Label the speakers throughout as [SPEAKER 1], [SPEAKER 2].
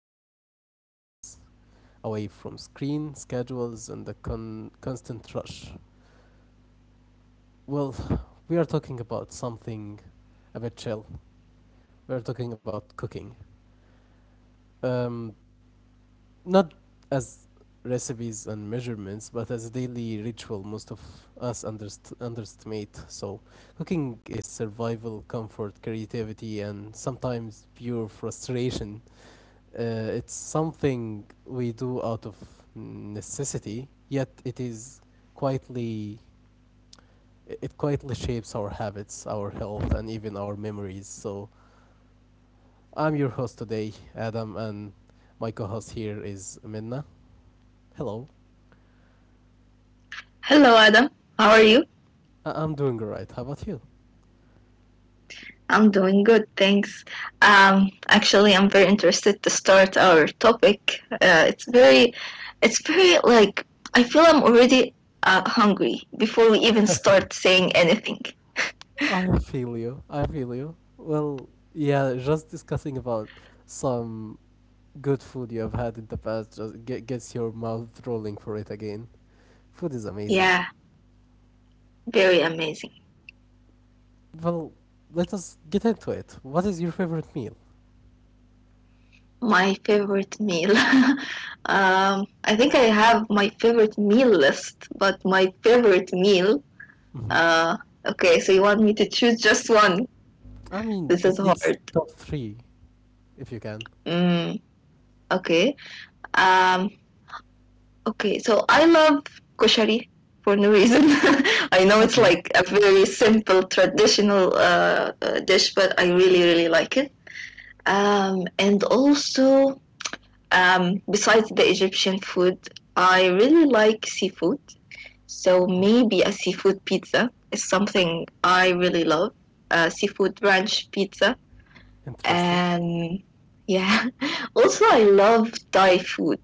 [SPEAKER 1] away from the noise, away from screen, schedules, and the constant rush. Well, we are talking about something a bit chill. We're talking about cooking. Um, not as recipes and measurements, but as a daily ritual most of us underestimate. So, cooking is survival, comfort, creativity, and sometimes pure frustration. It's something we do out of necessity, yet it is quietly it quietly shapes our habits, our health, and even our memories. So I'm your host today, Adam, and my co-host here is Minna. Hello.
[SPEAKER 2] Hello, Adam. How are you?
[SPEAKER 1] I'm doing alright. How about you?
[SPEAKER 2] I'm doing good, thanks. Actually, I'm very interested to start our topic. It's very like I feel I'm already hungry before we even start saying anything.
[SPEAKER 1] I feel you. I feel you. Well, yeah, just discussing about some good food you have had in the past just gets your mouth rolling for it again. Food is amazing.
[SPEAKER 2] Yeah, very amazing.
[SPEAKER 1] Well, let us get into it. What is your favorite meal?
[SPEAKER 2] My favorite meal. I think I have my favorite meal list, but my favorite meal.
[SPEAKER 1] Hmm.
[SPEAKER 2] Uh, okay, so you want me to choose just one?
[SPEAKER 1] I mean,
[SPEAKER 2] This is
[SPEAKER 1] at least
[SPEAKER 2] hard.
[SPEAKER 1] top three, if you can.
[SPEAKER 2] Mm, okay. Um, okay, so I love koshari for no reason. I know it's
[SPEAKER 1] Okay.
[SPEAKER 2] like a very simple traditional dish, but I really like it. And also, besides the Egyptian food, I really like seafood. So
[SPEAKER 1] Okay.
[SPEAKER 2] maybe a seafood pizza is something I really love. Seafood ranch pizza
[SPEAKER 1] Interesting.
[SPEAKER 2] and yeah. Also, I love Thai food,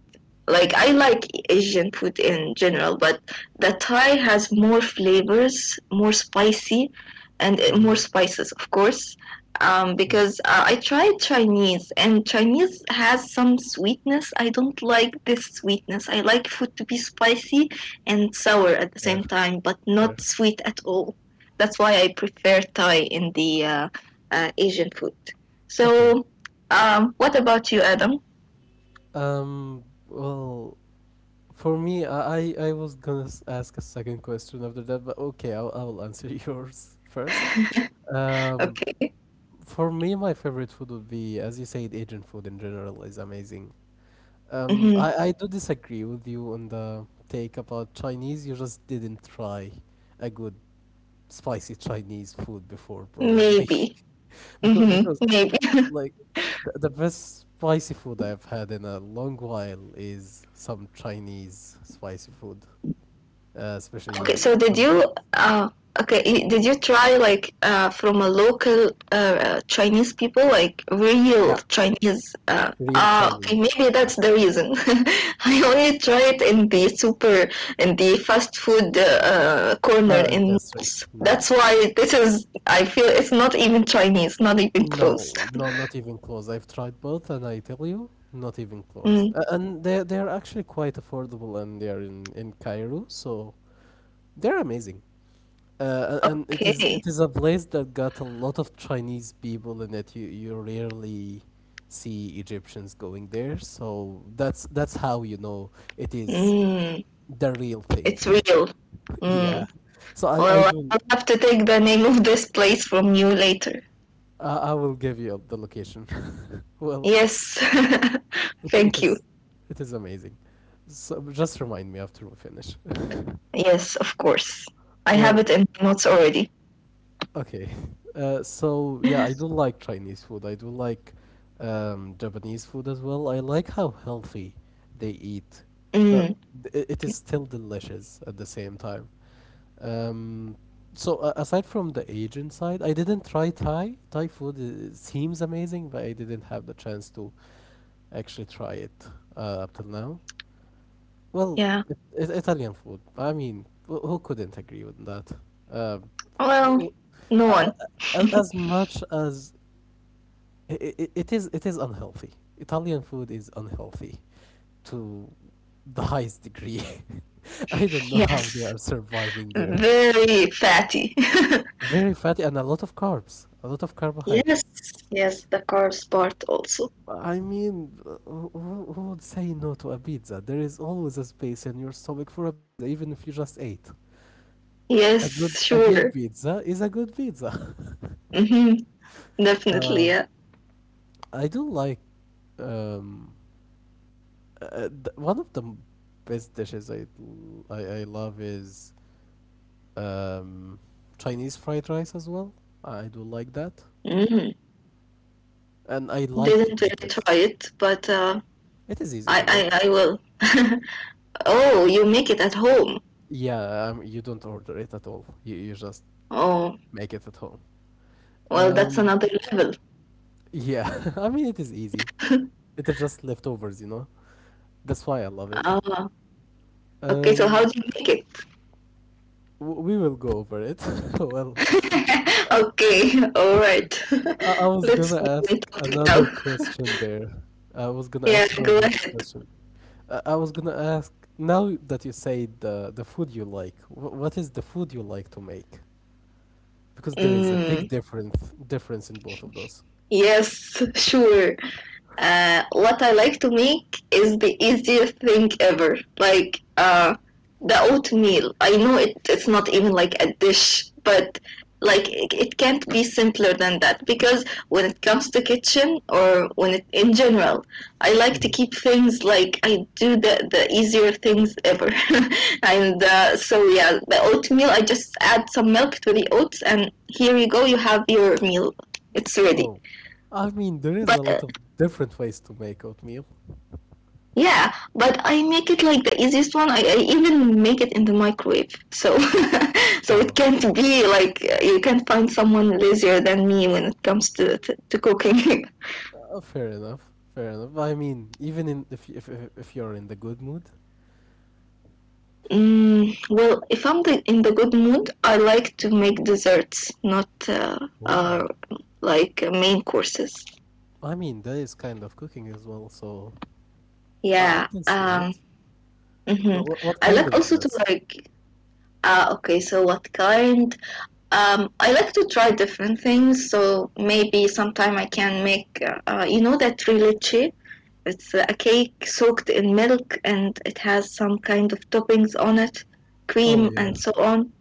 [SPEAKER 2] like I like Asian food in general, but the Thai has more flavors, more spicy, and more
[SPEAKER 1] Hmm.
[SPEAKER 2] spices, of course.
[SPEAKER 1] Yeah.
[SPEAKER 2] Because I tried Chinese, and Chinese has some sweetness. I don't like this sweetness. I like food to be spicy and sour at the
[SPEAKER 1] Fair.
[SPEAKER 2] same time, but not
[SPEAKER 1] Fair.
[SPEAKER 2] sweet at all. That's why I prefer Thai in the Asian food,
[SPEAKER 1] Okay.
[SPEAKER 2] so, what about you, Adam?
[SPEAKER 1] Um. Well, for me, I was gonna ask a second question after that, but okay, I'll answer yours first. Um.
[SPEAKER 2] Okay.
[SPEAKER 1] For me, my favorite food would be, as you said, Asian food in general is amazing.
[SPEAKER 2] Mm-hmm.
[SPEAKER 1] I do disagree with you on the take about Chinese. You just didn't try a good spicy Chinese food before, probably.
[SPEAKER 2] Maybe.
[SPEAKER 1] because
[SPEAKER 2] Mm-hmm.
[SPEAKER 1] because
[SPEAKER 2] Maybe.
[SPEAKER 1] like the best spicy food I've had in a long while is some Chinese spicy food,
[SPEAKER 2] Okay.
[SPEAKER 1] especially
[SPEAKER 2] So, did
[SPEAKER 1] some noodles.
[SPEAKER 2] you okay, did you try like from a local Chinese people, like real
[SPEAKER 1] Yeah,
[SPEAKER 2] Chinese,
[SPEAKER 1] real
[SPEAKER 2] ah,
[SPEAKER 1] Chinese.
[SPEAKER 2] okay, maybe
[SPEAKER 1] Yeah,
[SPEAKER 2] that's the reason. I only tried in the super, in the fast food corner
[SPEAKER 1] and
[SPEAKER 2] in
[SPEAKER 1] that's three.
[SPEAKER 2] malls.
[SPEAKER 1] No.
[SPEAKER 2] That's why this is, I feel, it's not even Chinese, not even close.
[SPEAKER 1] No, no, not even close. I've tried both, and I tell you, not even close.
[SPEAKER 2] Mm.
[SPEAKER 1] And they are actually quite affordable, and they are in Cairo, so they're amazing. And
[SPEAKER 2] Okay.
[SPEAKER 1] it is a place that got a lot of Chinese people in it. You rarely see Egyptians going there, so that's how you know it is
[SPEAKER 2] Mm,
[SPEAKER 1] the real thing.
[SPEAKER 2] it's real.
[SPEAKER 1] Yeah.
[SPEAKER 2] Mm.
[SPEAKER 1] So I
[SPEAKER 2] Well,
[SPEAKER 1] do
[SPEAKER 2] I'll have to take the name of this place from you later.
[SPEAKER 1] I will give you the location. Well.
[SPEAKER 2] Yes.
[SPEAKER 1] It, it
[SPEAKER 2] Thank you.
[SPEAKER 1] is, it is amazing. So just remind me after we finish.
[SPEAKER 2] Yes, of course. I have
[SPEAKER 1] Well,
[SPEAKER 2] it in my notes already.
[SPEAKER 1] okay. So yeah, I do like Chinese food. I do like Japanese food as well. I like how healthy they eat,
[SPEAKER 2] Mm,
[SPEAKER 1] but it is still delicious at the same time. Um, Aside from the Asian side, I didn't try Thai. Thai food seems amazing, but I didn't have the chance to actually try it up till now. Well,
[SPEAKER 2] yeah.
[SPEAKER 1] Italian food. I mean, who couldn't agree with that? Uh,
[SPEAKER 2] Well,
[SPEAKER 1] w-
[SPEAKER 2] no
[SPEAKER 1] a-
[SPEAKER 2] one.
[SPEAKER 1] as much as it is unhealthy. Italian food is unhealthy to the highest degree. I don't know how they
[SPEAKER 2] Yes.
[SPEAKER 1] are surviving there.
[SPEAKER 2] Very fatty.
[SPEAKER 1] Very fatty and a lot of carbs, a lot of
[SPEAKER 2] Yes.
[SPEAKER 1] carbohydrates.
[SPEAKER 2] Yes, the carbs part also.
[SPEAKER 1] I mean, who would say no to a pizza? There is always a space in your stomach for a pizza, even if you just ate.
[SPEAKER 2] Yes,
[SPEAKER 1] A good
[SPEAKER 2] sure.
[SPEAKER 1] pizza is a good pizza.
[SPEAKER 2] Hmm. Definitely,
[SPEAKER 1] uh,
[SPEAKER 2] yeah.
[SPEAKER 1] I do like um, one of the best dishes I love is um, Chinese fried rice as well. I do like that,
[SPEAKER 2] Mm.
[SPEAKER 1] and I like to
[SPEAKER 2] Didn't
[SPEAKER 1] make
[SPEAKER 2] really
[SPEAKER 1] it.
[SPEAKER 2] try it, but
[SPEAKER 1] It is easy
[SPEAKER 2] I,
[SPEAKER 1] to make.
[SPEAKER 2] I, I will. Oh, you make it at home.
[SPEAKER 1] Yeah, you don't order it at all. You just
[SPEAKER 2] Oh,
[SPEAKER 1] make it at home.
[SPEAKER 2] well, that's
[SPEAKER 1] Um,
[SPEAKER 2] another level.
[SPEAKER 1] yeah, I mean it is easy. It is just leftovers, you know. That's why I love it.
[SPEAKER 2] Ah, okay. So how
[SPEAKER 1] Um,
[SPEAKER 2] do you make it?
[SPEAKER 1] We will go over it. Well,
[SPEAKER 2] Okay, all right.
[SPEAKER 1] I was
[SPEAKER 2] Let's
[SPEAKER 1] gonna
[SPEAKER 2] get
[SPEAKER 1] ask
[SPEAKER 2] into it
[SPEAKER 1] another
[SPEAKER 2] now.
[SPEAKER 1] question there. I was gonna
[SPEAKER 2] Yeah,
[SPEAKER 1] ask
[SPEAKER 2] go
[SPEAKER 1] another
[SPEAKER 2] ahead.
[SPEAKER 1] question. I was gonna ask now that you say the food you like, what is the food you like to make? Because there is a big
[SPEAKER 2] Mm,
[SPEAKER 1] difference in both of those.
[SPEAKER 2] yes, sure. What I like to make is the easiest thing ever. Like the oatmeal. I know it's not even like a dish, but like it can't be simpler than that, because when it comes to kitchen or when it in general, I like to
[SPEAKER 1] Mhm.
[SPEAKER 2] keep things like I do the easier things ever. And so yeah, the oatmeal. I just add some milk to the oats, and here you go. You have your meal. It's ready.
[SPEAKER 1] Oh, I mean there is a
[SPEAKER 2] But
[SPEAKER 1] lot of different ways to make oatmeal.
[SPEAKER 2] Yeah, but I make it like the easiest one. I even make it in the microwave. So so it
[SPEAKER 1] Oh,
[SPEAKER 2] can't be like you can't find someone lazier than me when it comes to to cooking.
[SPEAKER 1] fair enough. Fair enough. I mean, even in if if you're in the good mood.
[SPEAKER 2] Mm, well, if I'm in the good mood, I like to make desserts, not
[SPEAKER 1] Oh.
[SPEAKER 2] like main courses.
[SPEAKER 1] I mean, that is kind of cooking as well, so I
[SPEAKER 2] Yeah.
[SPEAKER 1] can see it.
[SPEAKER 2] Mhm.
[SPEAKER 1] What
[SPEAKER 2] I
[SPEAKER 1] kind
[SPEAKER 2] like
[SPEAKER 1] of
[SPEAKER 2] also to
[SPEAKER 1] desserts?
[SPEAKER 2] like. Ah, okay. So what kind? I like to try different things. So maybe sometime I can make, you know, that three leche. It's a cake soaked in milk, and it has some kind of toppings on it,
[SPEAKER 1] Oh,
[SPEAKER 2] cream and
[SPEAKER 1] yeah,
[SPEAKER 2] so on.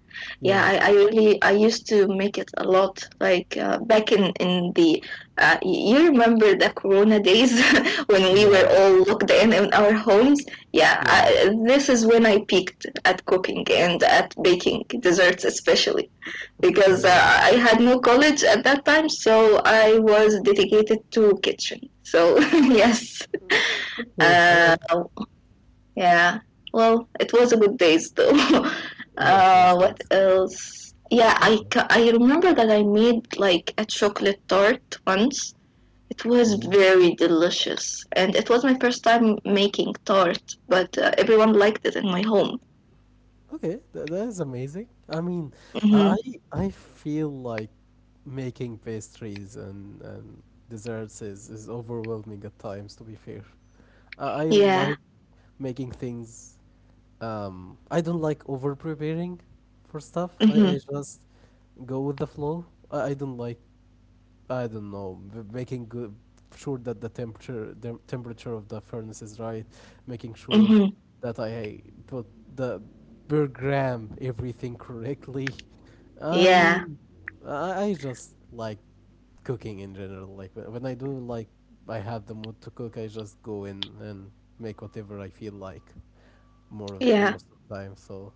[SPEAKER 2] Yeah,
[SPEAKER 1] yeah,
[SPEAKER 2] I really, I used to make it a lot. Like back in in the you remember the Corona days when we were
[SPEAKER 1] yeah,
[SPEAKER 2] all locked in our homes. Yeah,
[SPEAKER 1] yeah,
[SPEAKER 2] this is when I peaked at cooking and at baking desserts, especially because
[SPEAKER 1] fair enough.
[SPEAKER 2] I had no college at that time, so I was dedicated to kitchen. So yes,
[SPEAKER 1] Okay, fair
[SPEAKER 2] uh,
[SPEAKER 1] enough.
[SPEAKER 2] yeah. Well, it was a good days though.
[SPEAKER 1] Yeah, it was good.
[SPEAKER 2] What else? Yeah,
[SPEAKER 1] And good.
[SPEAKER 2] I remember that I made like a chocolate tart once. It was
[SPEAKER 1] Ooh.
[SPEAKER 2] very delicious, and it was my first time making tart, but everyone liked it in my home.
[SPEAKER 1] Okay, that is amazing. I mean, I
[SPEAKER 2] Hmm.
[SPEAKER 1] I feel like making pastries and desserts is overwhelming at times, to be fair. I
[SPEAKER 2] Yeah.
[SPEAKER 1] like making things. I don't like over preparing for stuff. I
[SPEAKER 2] Hmm.
[SPEAKER 1] just go with the flow. I don't like, I don't know, making good, sure that the temperature of the furnace is right, making sure
[SPEAKER 2] Hmm.
[SPEAKER 1] that I put the per gram everything correctly. I
[SPEAKER 2] Yeah.
[SPEAKER 1] mean, I just like cooking in general. Like when I do like I have the mood to cook, I just go in and make whatever I feel like
[SPEAKER 2] Yeah.
[SPEAKER 1] most of the time. So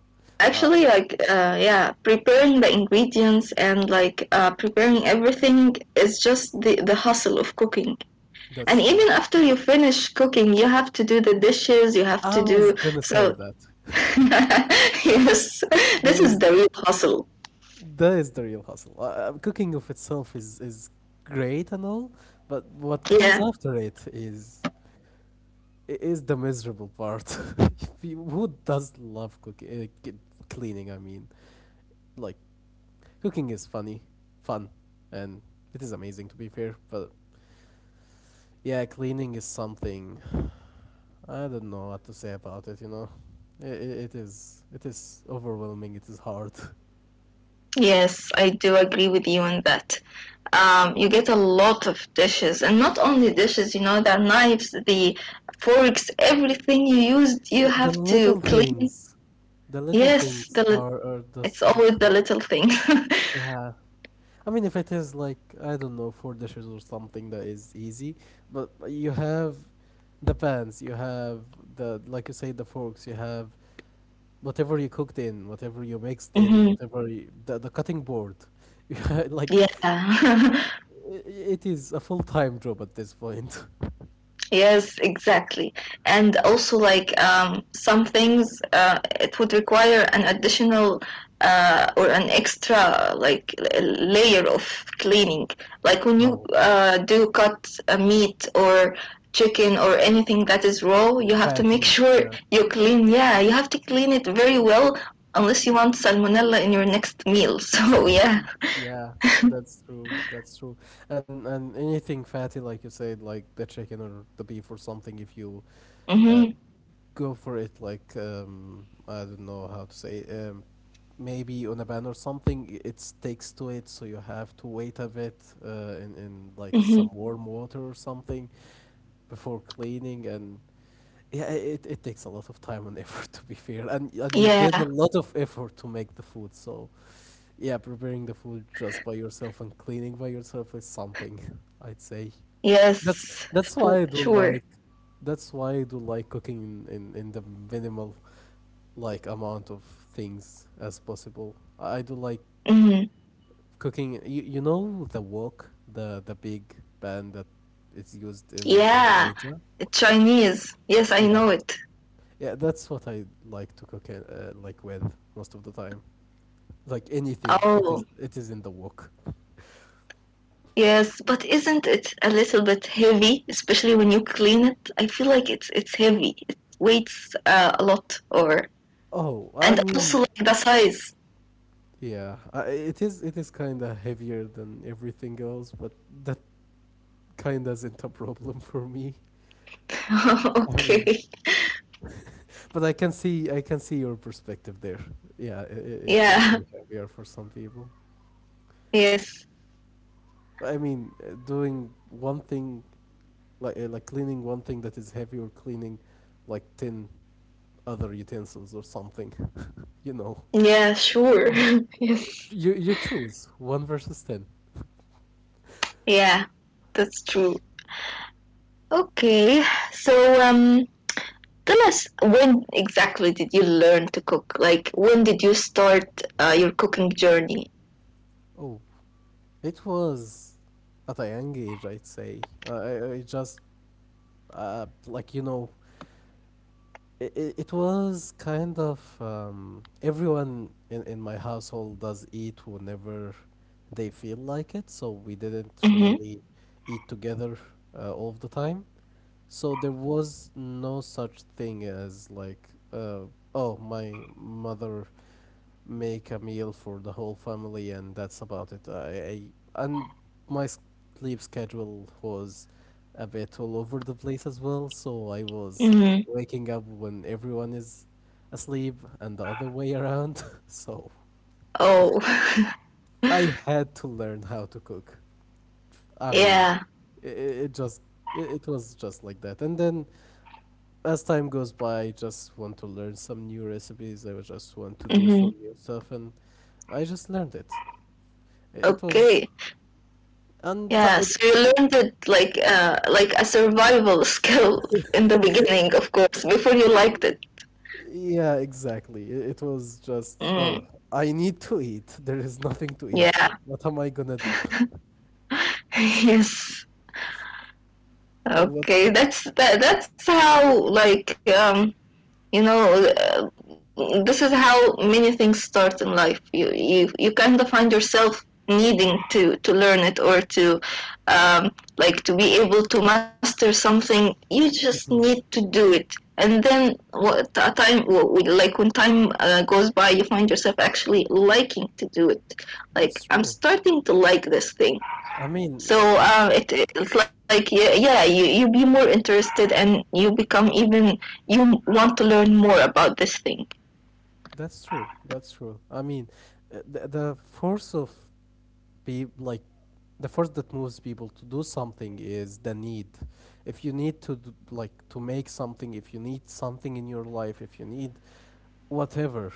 [SPEAKER 1] uh,
[SPEAKER 2] Actually, like yeah, preparing the ingredients and like preparing everything is just the hustle of cooking. And
[SPEAKER 1] that's true.
[SPEAKER 2] even after you finish cooking, you have to do the dishes, you have
[SPEAKER 1] I
[SPEAKER 2] to
[SPEAKER 1] was
[SPEAKER 2] do,
[SPEAKER 1] gonna say
[SPEAKER 2] so
[SPEAKER 1] that.
[SPEAKER 2] yes,
[SPEAKER 1] That
[SPEAKER 2] this is
[SPEAKER 1] is
[SPEAKER 2] the real hustle.
[SPEAKER 1] that is the real hustle. Cooking of itself is great and all, but what comes
[SPEAKER 2] Yeah,
[SPEAKER 1] after it is the miserable part. Who does love cooking? Cleaning, I mean, like cooking is funny, fun, and it is amazing to be fair. But yeah, cleaning is something I don't know what to say about it. You know, It it is overwhelming. It is hard.
[SPEAKER 2] yes, I do agree with you on that. You get a lot of dishes, and not only dishes, you know, the knives, the forks, everything you used you
[SPEAKER 1] Yeah,
[SPEAKER 2] have to clean.
[SPEAKER 1] the little
[SPEAKER 2] Yes
[SPEAKER 1] things
[SPEAKER 2] the
[SPEAKER 1] are just
[SPEAKER 2] It's always the
[SPEAKER 1] like
[SPEAKER 2] little things.
[SPEAKER 1] yeah. I mean, if it is like I don't know four dishes or something that is easy, but you have the pans, you have the like you say the forks, you have whatever you cooked in, whatever you mixed in,
[SPEAKER 2] Hmm.
[SPEAKER 1] the cutting board, like
[SPEAKER 2] Yeah.
[SPEAKER 1] it is a full time job at this point.
[SPEAKER 2] Yes, exactly. And also, like, some things, it would require an additional or an extra, like, layer of cleaning. Like when you
[SPEAKER 1] Oh,
[SPEAKER 2] do cut a meat or chicken or anything that is raw, you have to make
[SPEAKER 1] fatty,
[SPEAKER 2] sure
[SPEAKER 1] yeah.
[SPEAKER 2] you clean. Yeah, you have to clean it very well, unless you want salmonella in your next meal. So yeah.
[SPEAKER 1] yeah, that's true. That's true. And anything fatty, like you said, like the chicken or the beef or something, if you
[SPEAKER 2] Mm-hmm.
[SPEAKER 1] uh, go for it, like I don't know how to say, maybe on a ban or something, it sticks to it, so you have to wait a bit in like
[SPEAKER 2] Mm-hmm.
[SPEAKER 1] some warm water or something before cleaning and yeah, it takes a lot of time and effort to be fair, and you did
[SPEAKER 2] Yeah,
[SPEAKER 1] a lot of effort to make the food. So yeah, preparing the food just by yourself and cleaning by yourself is something, I'd say. That's
[SPEAKER 2] yes,
[SPEAKER 1] that's why
[SPEAKER 2] for
[SPEAKER 1] I do
[SPEAKER 2] sure.
[SPEAKER 1] like cooking in the minimal like amount of things as possible. I do like
[SPEAKER 2] Hmm.
[SPEAKER 1] cooking. You know the wok, the big pan that is used in
[SPEAKER 2] Yeah,
[SPEAKER 1] Asia.
[SPEAKER 2] Chinese. Yes, I
[SPEAKER 1] Yeah.
[SPEAKER 2] know it.
[SPEAKER 1] Yeah, that's what I like to cook in, like with most of the time. Like anything,
[SPEAKER 2] Oh,
[SPEAKER 1] it is in the wok.
[SPEAKER 2] yes, but isn't it a little bit heavy, especially when you clean it? I feel like it's heavy. It weighs a lot, or,
[SPEAKER 1] Oh, I
[SPEAKER 2] and
[SPEAKER 1] mean,
[SPEAKER 2] also like the size.
[SPEAKER 1] yeah, it is kind of heavier than everything else, but that kind of isn't a problem for me. I mean,
[SPEAKER 2] Okay.
[SPEAKER 1] but I can see your perspective there. Yeah, it would
[SPEAKER 2] Yeah.
[SPEAKER 1] be heavier for some people.
[SPEAKER 2] Yes.
[SPEAKER 1] But I mean, doing one thing like cleaning one thing that is heavy or cleaning like tin other utensils or something. you know.
[SPEAKER 2] Yeah, sure. Yes.
[SPEAKER 1] You choose one versus ten.
[SPEAKER 2] Yeah, that's true. Okay. So, um, tell us, when exactly did you learn to cook? Like, when did you start your cooking journey?
[SPEAKER 1] Oh, it was at a young age, I'd say. I just like you know, it, it was kind of everyone in my household does eat whenever they feel like it, so we didn't
[SPEAKER 2] Mm-hmm.
[SPEAKER 1] really eat together all the time. So there was no such thing as like, uh, oh, my mother make a meal for the whole family, and that's about it. I and My sleep schedule was a bit all over the place as well, so I was
[SPEAKER 2] Mm-hmm.
[SPEAKER 1] waking up when everyone is asleep and the other way around. So
[SPEAKER 2] Oh,
[SPEAKER 1] I had to learn how to cook. I mean,
[SPEAKER 2] yeah.
[SPEAKER 1] it, it just it was just like that. And then as time goes by, I just want to learn some new recipes. I would just want to do
[SPEAKER 2] Mm-hmm.
[SPEAKER 1] some new stuff, and I just learned it. It was
[SPEAKER 2] Okay.
[SPEAKER 1] and
[SPEAKER 2] Yeah.
[SPEAKER 1] it,
[SPEAKER 2] So you
[SPEAKER 1] it-
[SPEAKER 2] learned it like a survival skill in the beginning, of course, before you liked it.
[SPEAKER 1] yeah, exactly. It was just, oh,
[SPEAKER 2] Mm.
[SPEAKER 1] I need to eat. There is nothing to eat.
[SPEAKER 2] Yeah.
[SPEAKER 1] What am I gonna do?
[SPEAKER 2] Yes.
[SPEAKER 1] What?
[SPEAKER 2] Okay. That's that. That's how like, you know, this is how many things start in life. You kind of find yourself needing to learn it or to um, like, to be able to master something, you just need
[SPEAKER 1] Mhm.
[SPEAKER 2] to do it, and then what a time, like when time goes by, you find yourself actually liking to do it,
[SPEAKER 1] That's
[SPEAKER 2] like I'm
[SPEAKER 1] true.
[SPEAKER 2] starting to like this thing.
[SPEAKER 1] I mean,
[SPEAKER 2] So
[SPEAKER 1] uh,
[SPEAKER 2] it's like, yeah, yeah, you be more interested, and you become even, you want to learn more about this thing.
[SPEAKER 1] that's true. That's true. I mean, the force of be like the force that moves people to do something is the need. If you need to d like to make something, if you need something in your life, if you need whatever,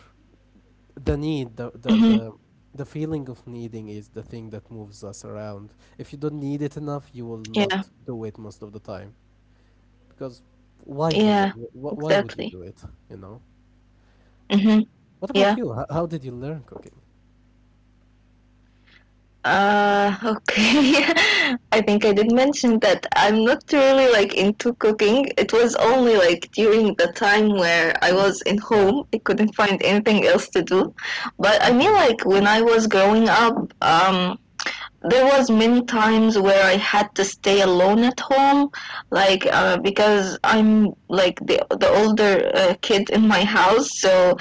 [SPEAKER 1] the need the, the
[SPEAKER 2] Hmm.
[SPEAKER 1] the the feeling of needing is the thing that moves us around. If you don't need it enough, you will not
[SPEAKER 2] Yeah,
[SPEAKER 1] do it most of the time. Because why will
[SPEAKER 2] yeah,
[SPEAKER 1] why would you
[SPEAKER 2] exactly.
[SPEAKER 1] do it you know S-
[SPEAKER 2] Hmm.
[SPEAKER 1] what about
[SPEAKER 2] Yeah.
[SPEAKER 1] you? How did you learn cooking?
[SPEAKER 2] Okay. I think I did mention that I'm not really like into cooking. It was only like during the time where I was in
[SPEAKER 1] Yeah,
[SPEAKER 2] home, I couldn't find anything else to do. But I mean,
[SPEAKER 1] okay,
[SPEAKER 2] like, when I was growing up, there was many times where I had to stay alone at home, like because I'm like the older kid in my house, so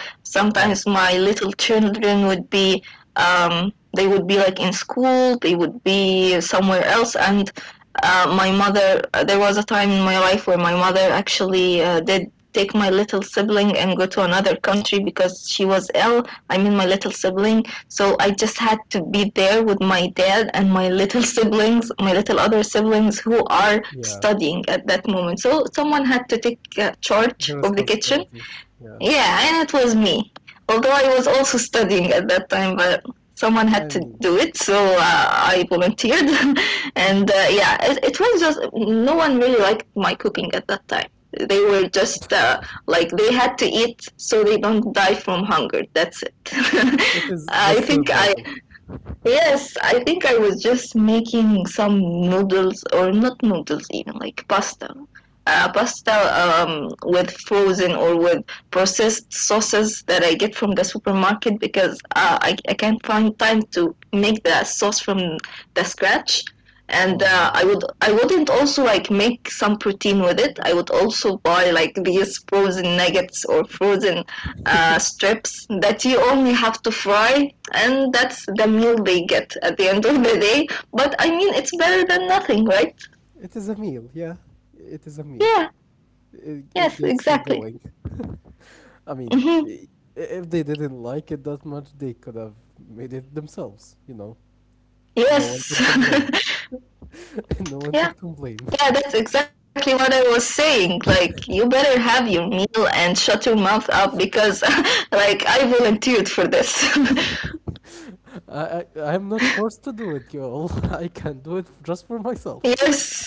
[SPEAKER 1] oh
[SPEAKER 2] sometimes my little children would be they would be like in school, they would be somewhere else, and my mother there was a time in my life where my mother actually did take my little sibling and go to another country because she was ill. I mean, my little sibling. So I just had to be there with my dad and my little siblings, my little other siblings, who are
[SPEAKER 1] yeah,
[SPEAKER 2] studying at that moment, so someone had to take
[SPEAKER 1] the
[SPEAKER 2] charge of the kitchen.
[SPEAKER 1] responsibility. Yeah,
[SPEAKER 2] Yeah, and it was me. Although I was also studying at that time, but someone had
[SPEAKER 1] I
[SPEAKER 2] to
[SPEAKER 1] mean.
[SPEAKER 2] do it, so I volunteered. And
[SPEAKER 1] Mhm.
[SPEAKER 2] yeah, it was just, no one really liked my cooking at that time. They were just like, they had to eat so they don't die from hunger. That's it.
[SPEAKER 1] It is
[SPEAKER 2] I
[SPEAKER 1] just
[SPEAKER 2] think I
[SPEAKER 1] survival.
[SPEAKER 2] Yes, I think I was just making some noodles or not noodles, even like pasta. Pasta, with frozen or with processed sauces that I get from the supermarket, because I can't find time to make the sauce from the scratch. And
[SPEAKER 1] Oh yeah.
[SPEAKER 2] I wouldn't also like make some protein with it. I would also buy like these frozen nuggets or frozen strips that you only have to fry, and that's the meal they get at the end of the day. But I mean, it's better than nothing, right?
[SPEAKER 1] It is a meal, yeah. It is a meal.
[SPEAKER 2] Yeah,
[SPEAKER 1] It
[SPEAKER 2] yes,
[SPEAKER 1] gets you
[SPEAKER 2] exactly.
[SPEAKER 1] going. I mean,
[SPEAKER 2] Hmm.
[SPEAKER 1] if they didn't like it that much, they could have made it themselves. No one
[SPEAKER 2] Yes,
[SPEAKER 1] can complain. No one
[SPEAKER 2] yeah,
[SPEAKER 1] could complain.
[SPEAKER 2] yeah, that's exactly what I was saying. Like, you better have your meal and shut your mouth up, because like, I volunteered for this.
[SPEAKER 1] I'm not forced to do it, y'all. I can do it just for myself.
[SPEAKER 2] Yes.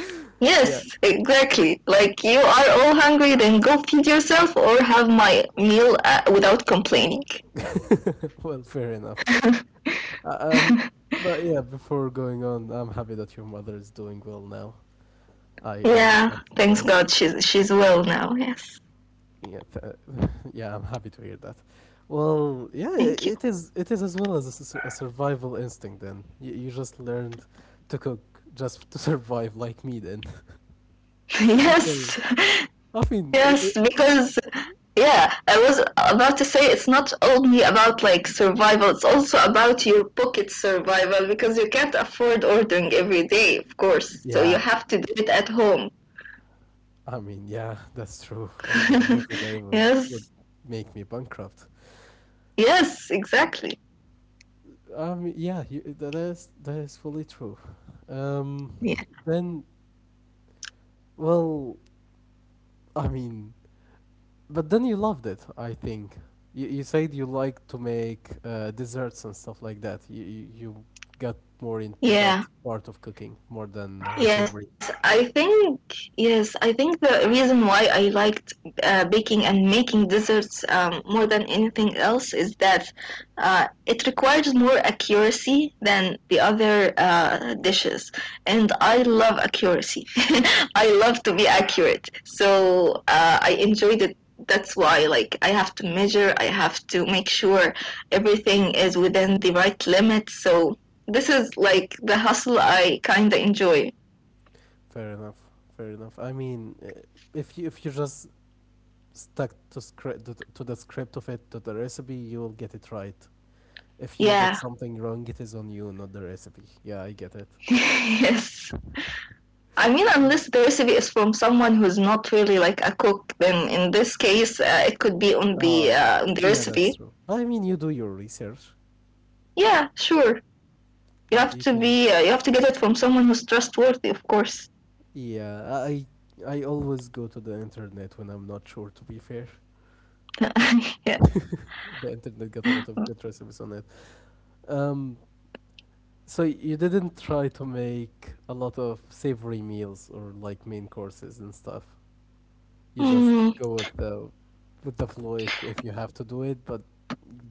[SPEAKER 2] Yes,
[SPEAKER 1] Yeah.
[SPEAKER 2] exactly. Like, you are all hungry, then go feed yourself or have my meal without complaining.
[SPEAKER 1] Well, fair enough. Uh, Um, but yeah, before going on, I'm happy that your mother is doing well now. I
[SPEAKER 2] Yeah, thanks
[SPEAKER 1] suppose.
[SPEAKER 2] God she's well now. Yes.
[SPEAKER 1] Yeah, yeah, I'm happy to hear that. Well, yeah,
[SPEAKER 2] Thank you.
[SPEAKER 1] it is. It is as well as a survival instinct. Then you just learned to cook just to survive, like me. Then, well,
[SPEAKER 2] Yes.
[SPEAKER 1] I mean, I
[SPEAKER 2] Yes, because yeah, I was about to say it's not only about like survival, it's also about your pocket survival, because you can't afford ordering every day, of course. So you
[SPEAKER 1] yeah,
[SPEAKER 2] have to do it at home.
[SPEAKER 1] I mean, yeah, that's true. Ordering every day would
[SPEAKER 2] Yes.
[SPEAKER 1] make me bankrupt.
[SPEAKER 2] Yes, exactly.
[SPEAKER 1] Yeah, you, that is fully true. Um,
[SPEAKER 2] Yeah.
[SPEAKER 1] then, well, I mean, but then you loved it, I think. You said you like to make desserts and stuff like that. You got more into that
[SPEAKER 2] Yeah.
[SPEAKER 1] part of cooking more than
[SPEAKER 2] Yes,
[SPEAKER 1] savory.
[SPEAKER 2] I think yes, I think the reason why I liked baking and making desserts more than anything else is that it requires more accuracy than the other dishes, and I love accuracy. I love to be accurate, so I enjoyed it. That's why, like, I have to measure. I have to make sure everything is within the right limit. So this is like the hustle I kind of enjoy.
[SPEAKER 1] Fair enough. Fair enough. I mean, if you just stuck to the script of it to the recipe, you'll get it right. If you did
[SPEAKER 2] Yeah.
[SPEAKER 1] something wrong, it is on you, not the recipe. Yeah, I get it.
[SPEAKER 2] yes. I mean,
[SPEAKER 1] Um,
[SPEAKER 2] unless the recipe is from someone who's not really like a cook, then in this case, it could be on the
[SPEAKER 1] uh,
[SPEAKER 2] on the
[SPEAKER 1] yeah, that's
[SPEAKER 2] recipe.
[SPEAKER 1] true. I mean, you do your research.
[SPEAKER 2] Yeah, sure. You
[SPEAKER 1] You,
[SPEAKER 2] have
[SPEAKER 1] you
[SPEAKER 2] to
[SPEAKER 1] can
[SPEAKER 2] be. You have to get it from someone who's trustworthy, of course.
[SPEAKER 1] Yeah, I always go to the internet when I'm not sure, to be fair.
[SPEAKER 2] yeah.
[SPEAKER 1] The internet got a lot of good recipes on it. Um, so you didn't try to make a lot of savory meals or like main courses and stuff. You just
[SPEAKER 2] Hmm.
[SPEAKER 1] go with the flow if you have to do it, but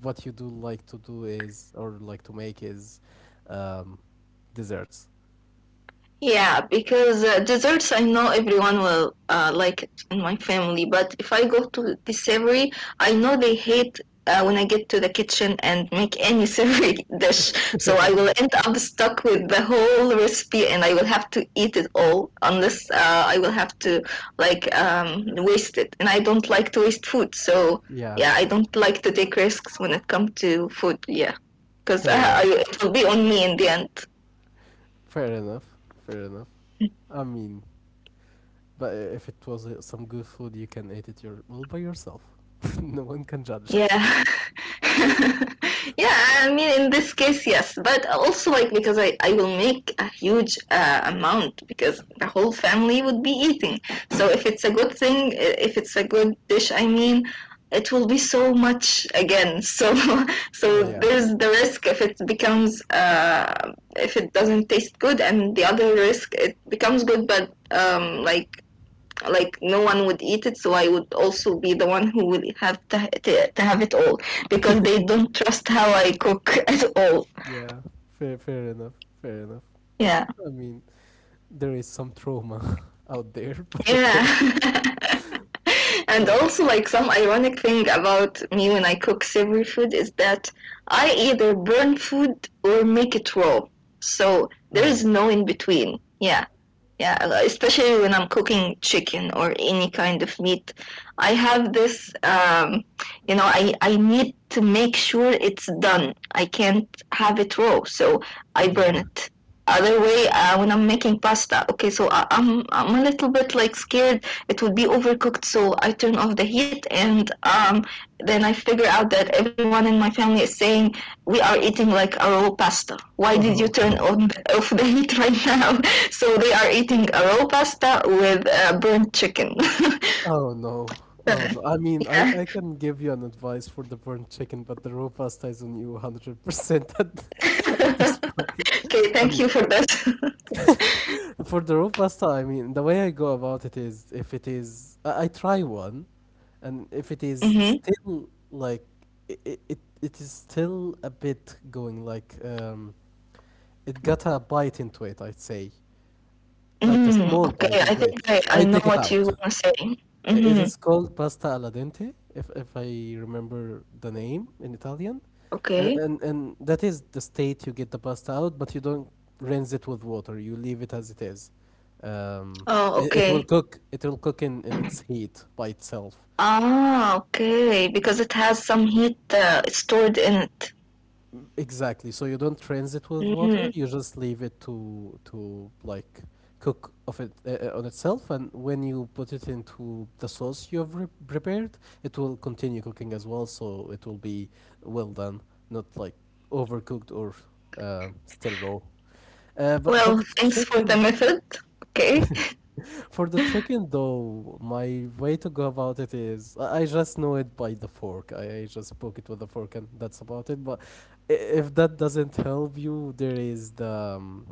[SPEAKER 1] what you do like to do is or like to make is um desserts.
[SPEAKER 2] Yeah, because desserts I know everyone will like it in my family, but if I go to the savory, I know they hate when I get to the kitchen and make any savory dish. So I will end up stuck with the whole recipe and I will have to eat it all unless I will have to like waste it. And I don't like to waste food, so
[SPEAKER 1] Yeah,
[SPEAKER 2] yeah, I don't like to take risks when it comes to food. Yeah, because
[SPEAKER 1] fair enough.
[SPEAKER 2] it will be on me in the end.
[SPEAKER 1] Fair enough. Fair enough. I mean, but if it was some good food, you can eat it your well by yourself. No one can judge.
[SPEAKER 2] Yeah. Yeah, I mean, in this case, yes, but also like because I will make a huge amount because the whole family would be eating. So if it's a good thing, if it's a good dish, I mean, it will be so much again. So
[SPEAKER 1] Oh
[SPEAKER 2] so
[SPEAKER 1] yeah,
[SPEAKER 2] there's the risk if it becomes if it doesn't taste good, and the other risk it becomes good, but like no one would eat it, so I would also be the one who would have to, have it all because they don't trust how I cook at all,
[SPEAKER 1] yeah. Fair enough. Fair enough.
[SPEAKER 2] yeah,
[SPEAKER 1] I mean, there is some trauma out there, but okay.
[SPEAKER 2] yeah. And
[SPEAKER 1] Oh,
[SPEAKER 2] also like some ironic thing about me when I cook savory food is that I either burn food or make it raw, so there is
[SPEAKER 1] oh,
[SPEAKER 2] no in between, yeah. Yeah, especially when I'm cooking chicken or any kind of meat, I have this, you know, I need to make sure it's done. I can't have it raw, so I
[SPEAKER 1] yeah.
[SPEAKER 2] burn it. Other way, when I'm making pasta, okay, so I'm a little bit like scared it would be overcooked, so I turn off the heat, and then I figure out that everyone in my family is saying we are eating like a raw pasta. Why did you
[SPEAKER 1] Oh,
[SPEAKER 2] turn on the, off the heat right now? So they are eating a raw pasta with burnt chicken.
[SPEAKER 1] oh no. Oh
[SPEAKER 2] Uh,
[SPEAKER 1] no. I mean, I
[SPEAKER 2] yeah.
[SPEAKER 1] I can give you an advice for the burnt chicken, but the raw pasta is on you 100% at, at this point.
[SPEAKER 2] Okay,
[SPEAKER 1] I
[SPEAKER 2] thank
[SPEAKER 1] mean,
[SPEAKER 2] you for this.
[SPEAKER 1] for the raw pasta, I mean, the way I go about it is if it is, I try one, and if it is
[SPEAKER 2] Mm-hmm.
[SPEAKER 1] still like, it is still a bit going like, it got a bite into it, I'd say, like a
[SPEAKER 2] Mm,
[SPEAKER 1] small
[SPEAKER 2] okay,
[SPEAKER 1] bite
[SPEAKER 2] I
[SPEAKER 1] into it,
[SPEAKER 2] think I
[SPEAKER 1] I
[SPEAKER 2] know
[SPEAKER 1] take it
[SPEAKER 2] what you
[SPEAKER 1] out.
[SPEAKER 2] want to say.
[SPEAKER 1] It
[SPEAKER 2] Mm-hmm.
[SPEAKER 1] is called pasta alla dente, if I remember the name in Italian, and
[SPEAKER 2] Okay.
[SPEAKER 1] and, and that is the state you get the pasta out, but you don't rinse it with water. You leave it as it is. Um,
[SPEAKER 2] Oh,
[SPEAKER 1] it will
[SPEAKER 2] okay.
[SPEAKER 1] cook. It will cook in its heat by itself.
[SPEAKER 2] Ah, okay. Because it has some heat stored in it.
[SPEAKER 1] Exactly. So you don't cleanse it with water.
[SPEAKER 2] Mm.
[SPEAKER 1] You just leave it to like cook of it on itself, and when you put it into the sauce you have prepared, it will continue cooking as well. So it will be well done, not like overcooked or still raw. But for
[SPEAKER 2] Well,
[SPEAKER 1] the
[SPEAKER 2] thanks for the
[SPEAKER 1] chicken,
[SPEAKER 2] method. Okay.
[SPEAKER 1] though, my way to go about it is I just know it by the fork. I just poke it with a fork, and that's about it. But if that doesn't help you, there is the um,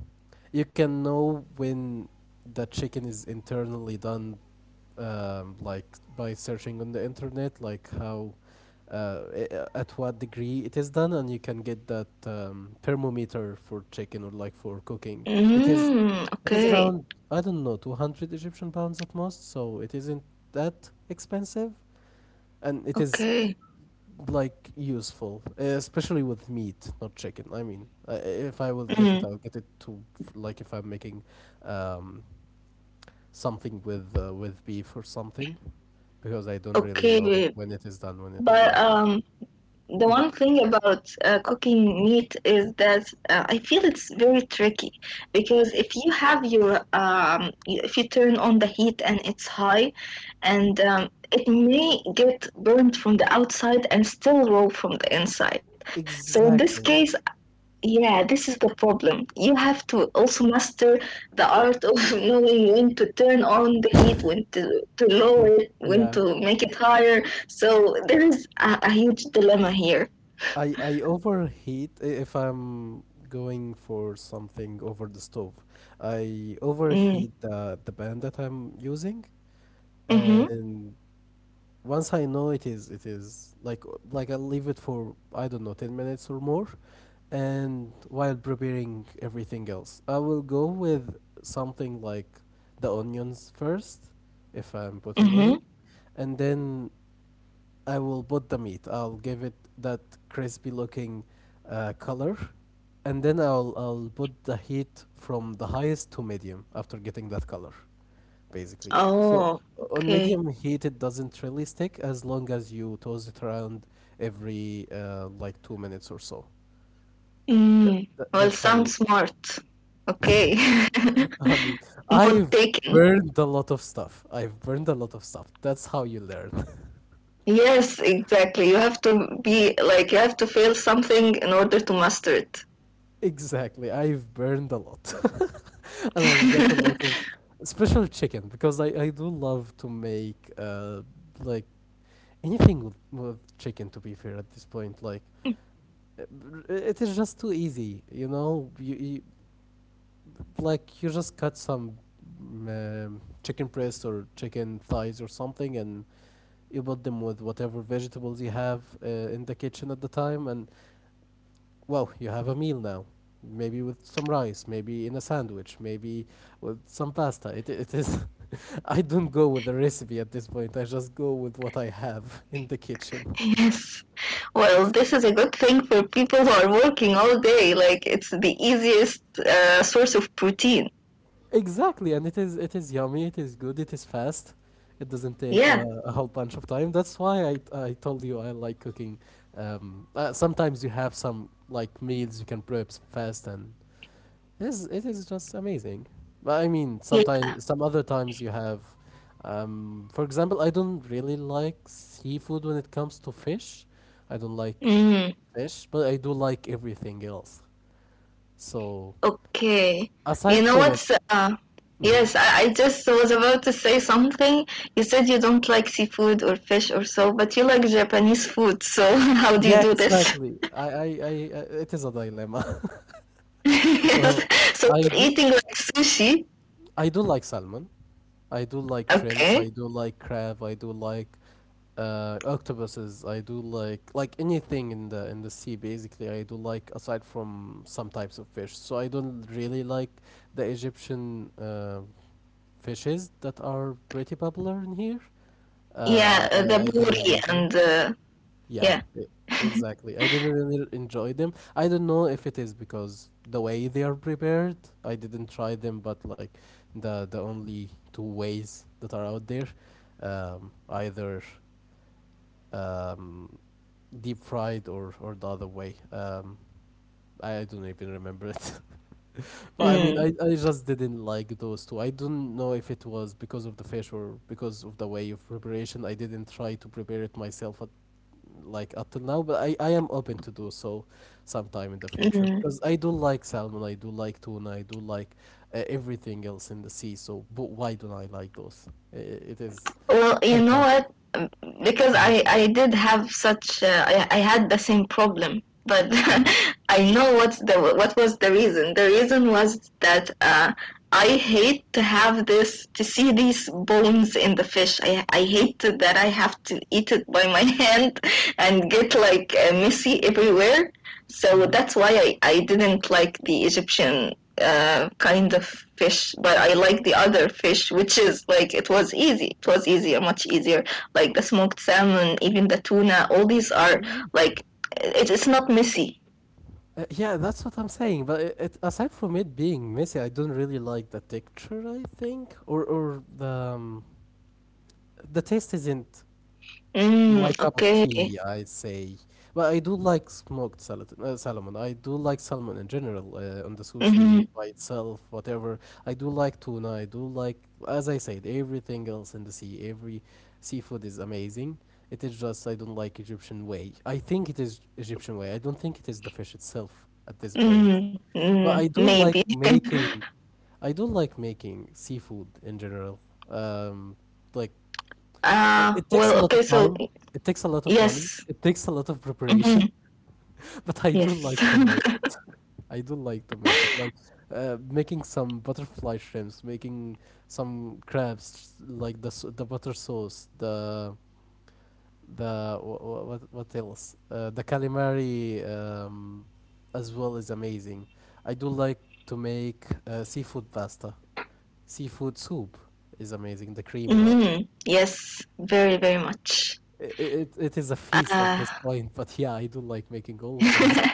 [SPEAKER 1] you can know when the chicken is internally done, like by searching on the internet, like how at what degree it is done, and you can get that thermometer for chicken or like for cooking. It is
[SPEAKER 2] Mm,
[SPEAKER 1] it is
[SPEAKER 2] okay,
[SPEAKER 1] around I don't know 200 Egyptian pounds at most, so it isn't that expensive, and it is
[SPEAKER 2] okay,
[SPEAKER 1] like useful, especially with meat, not chicken. I mean, if I will get
[SPEAKER 2] mm,
[SPEAKER 1] it, I'll get it to like if I'm making um, something with beef or something, because I don't really know
[SPEAKER 2] okay.
[SPEAKER 1] when it is done, when it is
[SPEAKER 2] But
[SPEAKER 1] not done.
[SPEAKER 2] the
[SPEAKER 1] Mhm.
[SPEAKER 2] one thing about cooking meat is that I feel it's very tricky because if you have your if you turn on the heat and it's high, and it may get burnt from the outside and still raw from the inside. So in this
[SPEAKER 1] Exactly.
[SPEAKER 2] case, yeah, this is the problem. You have to also master the art of knowing when to turn on the heat, when to lower
[SPEAKER 1] When,
[SPEAKER 2] it, when
[SPEAKER 1] yeah,
[SPEAKER 2] to make it higher. So there is a huge dilemma here.
[SPEAKER 1] I overheat if I'm going for something over the stove. I
[SPEAKER 2] Mm.
[SPEAKER 1] overheat the pan that I'm using,
[SPEAKER 2] Mm-hmm.
[SPEAKER 1] and once I know it is like I leave it for I don't know 10 minutes or more, and while preparing everything else, I will go with something like the onions first, if I'm putting any,
[SPEAKER 2] Mm-hmm.
[SPEAKER 1] and then I will put the meat. I'll give it that crispy looking color, and then I'll put the heat from the highest to medium after getting that color, basically. So
[SPEAKER 2] Oh,
[SPEAKER 1] on
[SPEAKER 2] okay.
[SPEAKER 1] medium heat, it doesn't really stick as long as you toss it around every like 2 minutes or so. That,
[SPEAKER 2] Mm.
[SPEAKER 1] that
[SPEAKER 2] Well,
[SPEAKER 1] that's how you.
[SPEAKER 2] sounds smart. Okay.
[SPEAKER 1] I mean,
[SPEAKER 2] Not
[SPEAKER 1] I've
[SPEAKER 2] taken.
[SPEAKER 1] burned a lot of stuff. I've burned a lot of stuff. That's how you learn.
[SPEAKER 2] Yes, exactly. You have to be like, you have to fail something in order to master
[SPEAKER 1] Exactly. I've burned a lot, and I've got a lot of
[SPEAKER 2] it.
[SPEAKER 1] special chicken because I do love to make like anything with chicken, to be fair at this point, like uh, it is just too easy. You like you just cut some chicken breast or chicken thighs or something, and you put them with whatever vegetables you have in the kitchen at the time, and well, you have a meal now. Maybe with some rice, maybe in a sandwich, maybe with some pasta. It is I don't go with the recipe at this point. I just go with what I have in the kitchen.
[SPEAKER 2] Yes. Well, this is a good thing for people who are working all day. Like, it's the easiest source of protein.
[SPEAKER 1] Exactly, and it is yummy. It is good. It is fast. It doesn't take
[SPEAKER 2] Yeah.
[SPEAKER 1] a whole bunch of time. That's why I told you I like cooking. Sometimes you have some like meals you can prep fast, and it is just amazing. But I mean, sometimes,
[SPEAKER 2] Yeah.
[SPEAKER 1] some other times you have, for example, I don't really like seafood when it comes to fish. I don't like
[SPEAKER 2] Mm,
[SPEAKER 1] fish, but I do like everything else. So
[SPEAKER 2] okay. You
[SPEAKER 1] aside
[SPEAKER 2] know
[SPEAKER 1] from it,
[SPEAKER 2] what's.
[SPEAKER 1] hmm
[SPEAKER 2] Yes, I just was about to say something. You said you don't like seafood or fish or so, but you like Japanese food. So, how do you
[SPEAKER 1] yeah,
[SPEAKER 2] do this?
[SPEAKER 1] exactly. It is a dilemma. Well,
[SPEAKER 2] Yes. So,
[SPEAKER 1] I
[SPEAKER 2] you're
[SPEAKER 1] do,
[SPEAKER 2] eating like sushi.
[SPEAKER 1] I do like salmon. I do like shrimps.
[SPEAKER 2] Okay.
[SPEAKER 1] I do like crab. I do like octopuses. I do like anything in the sea. Basically, I do like, aside from some types of fish. So I don't really like the Egyptian fishes that are pretty popular in here. Uh, I,
[SPEAKER 2] Yeah, the
[SPEAKER 1] I I don't really
[SPEAKER 2] buri
[SPEAKER 1] enjoy.
[SPEAKER 2] and.
[SPEAKER 1] Yeah,
[SPEAKER 2] Yeah.
[SPEAKER 1] exactly. I didn't really enjoy them. I don't know if it is because the way they are prepared. I didn't try them, but like the only two ways that are out there, either um, deep fried or the other way. I don't even remember it, but I mean,
[SPEAKER 2] Mm.
[SPEAKER 1] I just didn't like those two. I don't know if it was because of the fish or because of the way of preparation. I didn't try to prepare it myself at like up till now, but I am open to do so sometime in the future
[SPEAKER 2] Mm.
[SPEAKER 1] because I do like salmon, I do like tuna, I do like everything else in the sea. So, but why don't I like those? It is
[SPEAKER 2] Well, you know
[SPEAKER 1] sometimes.
[SPEAKER 2] what? Because
[SPEAKER 1] Mhm.
[SPEAKER 2] I did have such I had the same problem, but
[SPEAKER 1] Mhm.
[SPEAKER 2] I know what's the what was the reason. The reason was that I hate to have this to see these bones in the fish. I hate to- that I have to eat it by my hand and get like messy everywhere. So
[SPEAKER 1] Mhm.
[SPEAKER 2] that's why I didn't like the Egyptian kind of fish, but I like the other fish, which is like it was easy. It was easier, much easier. Like the smoked salmon, even the tuna, all these are
[SPEAKER 1] Mhm.
[SPEAKER 2] like it's not messy.
[SPEAKER 1] Yeah, that's what I'm saying. But aside from it being messy, I don't really like the texture. I think, or um, the taste isn't my
[SPEAKER 2] Mm,
[SPEAKER 1] cup of
[SPEAKER 2] okay.
[SPEAKER 1] tea. I'd say, but I do like smoked salmon. I do like salmon in general on the
[SPEAKER 2] Mm-hmm.
[SPEAKER 1] sushi by itself, whatever. I do like tuna. I do like, as I said, everything else in the sea. Every seafood is amazing. It is just I don't like Egyptian way. I think it is Egyptian way. I don't think it is the fish itself at this point.
[SPEAKER 2] Mm, mm,
[SPEAKER 1] But
[SPEAKER 2] maybe.
[SPEAKER 1] I do like making seafood in general. Um, like uh, it takes a
[SPEAKER 2] Well,
[SPEAKER 1] lot
[SPEAKER 2] okay,
[SPEAKER 1] of
[SPEAKER 2] so
[SPEAKER 1] time, it takes a lot of money,
[SPEAKER 2] yes.
[SPEAKER 1] it takes a lot of
[SPEAKER 2] Mm-hmm.
[SPEAKER 1] preparation, but I do
[SPEAKER 2] Yes.
[SPEAKER 1] like to make it. I do like to make it. Like making some butterfly shrimps, making some crabs, like the butter sauce, what else? The calamari as well is amazing. I do like to make seafood pasta. Seafood soup is amazing, the creamy one.
[SPEAKER 2] Mm, yes, very, very much.
[SPEAKER 1] I- i- it is a feast at
[SPEAKER 2] Uh,
[SPEAKER 1] this point, but yeah, I do like making all of those.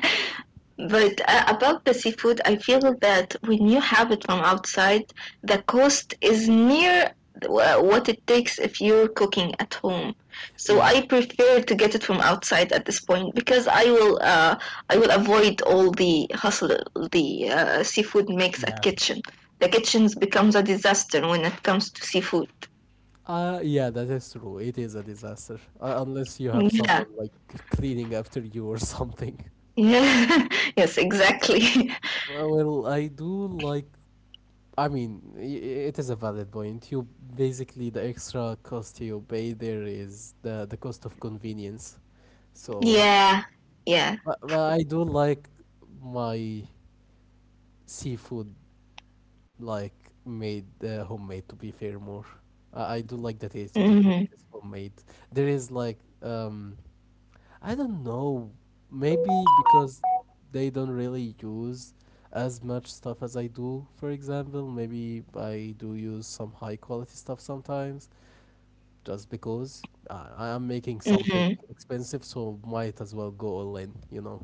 [SPEAKER 2] but about the seafood, I feel that when you have it from outside, the cost is near what it takes if you're cooking at home. So
[SPEAKER 1] Yeah,
[SPEAKER 2] I prefer to get it from outside at this point because I will avoid all the hustle the seafood makes at
[SPEAKER 1] yeah.
[SPEAKER 2] kitchen. The kitchens becomes a disaster when it comes to seafood.
[SPEAKER 1] Yeah, that is true. It is a disaster. Unless you have
[SPEAKER 2] Yeah.
[SPEAKER 1] someone like cleaning after you or something.
[SPEAKER 2] Yeah. Yes, exactly.
[SPEAKER 1] Well, I do like I mean, I- it is a valid point. You basically the extra cost you pay there is the cost of convenience. So,
[SPEAKER 2] Yeah. Yeah.
[SPEAKER 1] but I do like my seafood like made homemade. To be fair, more I do like the taste of it when
[SPEAKER 2] Mm-hmm.
[SPEAKER 1] it is homemade. There is like. I don't know. Maybe because they don't really use as much stuff as I do, for example. Maybe I do use some high quality stuff sometimes just because I am making something
[SPEAKER 2] Mm-hmm.
[SPEAKER 1] expensive, so might as well go all in.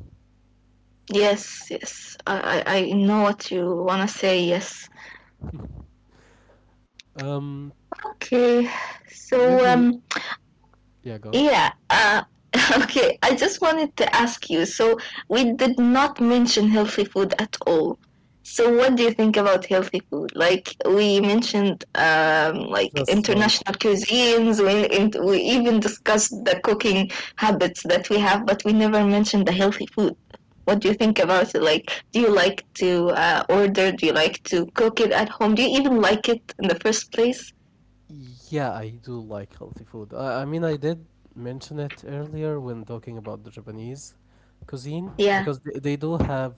[SPEAKER 2] Yes, yes. I I know what you wanna say, yes.
[SPEAKER 1] Um,
[SPEAKER 2] Okay. So
[SPEAKER 1] Maybe,
[SPEAKER 2] um,
[SPEAKER 1] yeah, gone.
[SPEAKER 2] yeah, okay. I just wanted to ask you. So, we did not mention healthy food at all. So, what do you think about healthy food? Like, we mentioned like
[SPEAKER 1] Just once.
[SPEAKER 2] international cuisines. We, and we even discussed the cooking habits that we have, but we never mentioned the healthy food. What do you think about it? Like, do you like to order? Do you like to cook it at home? Do you even like it in the first place?
[SPEAKER 1] Yeah, I do like healthy food. I mean, I did mention it earlier when talking about the Japanese cuisine
[SPEAKER 2] Yeah.
[SPEAKER 1] because they do have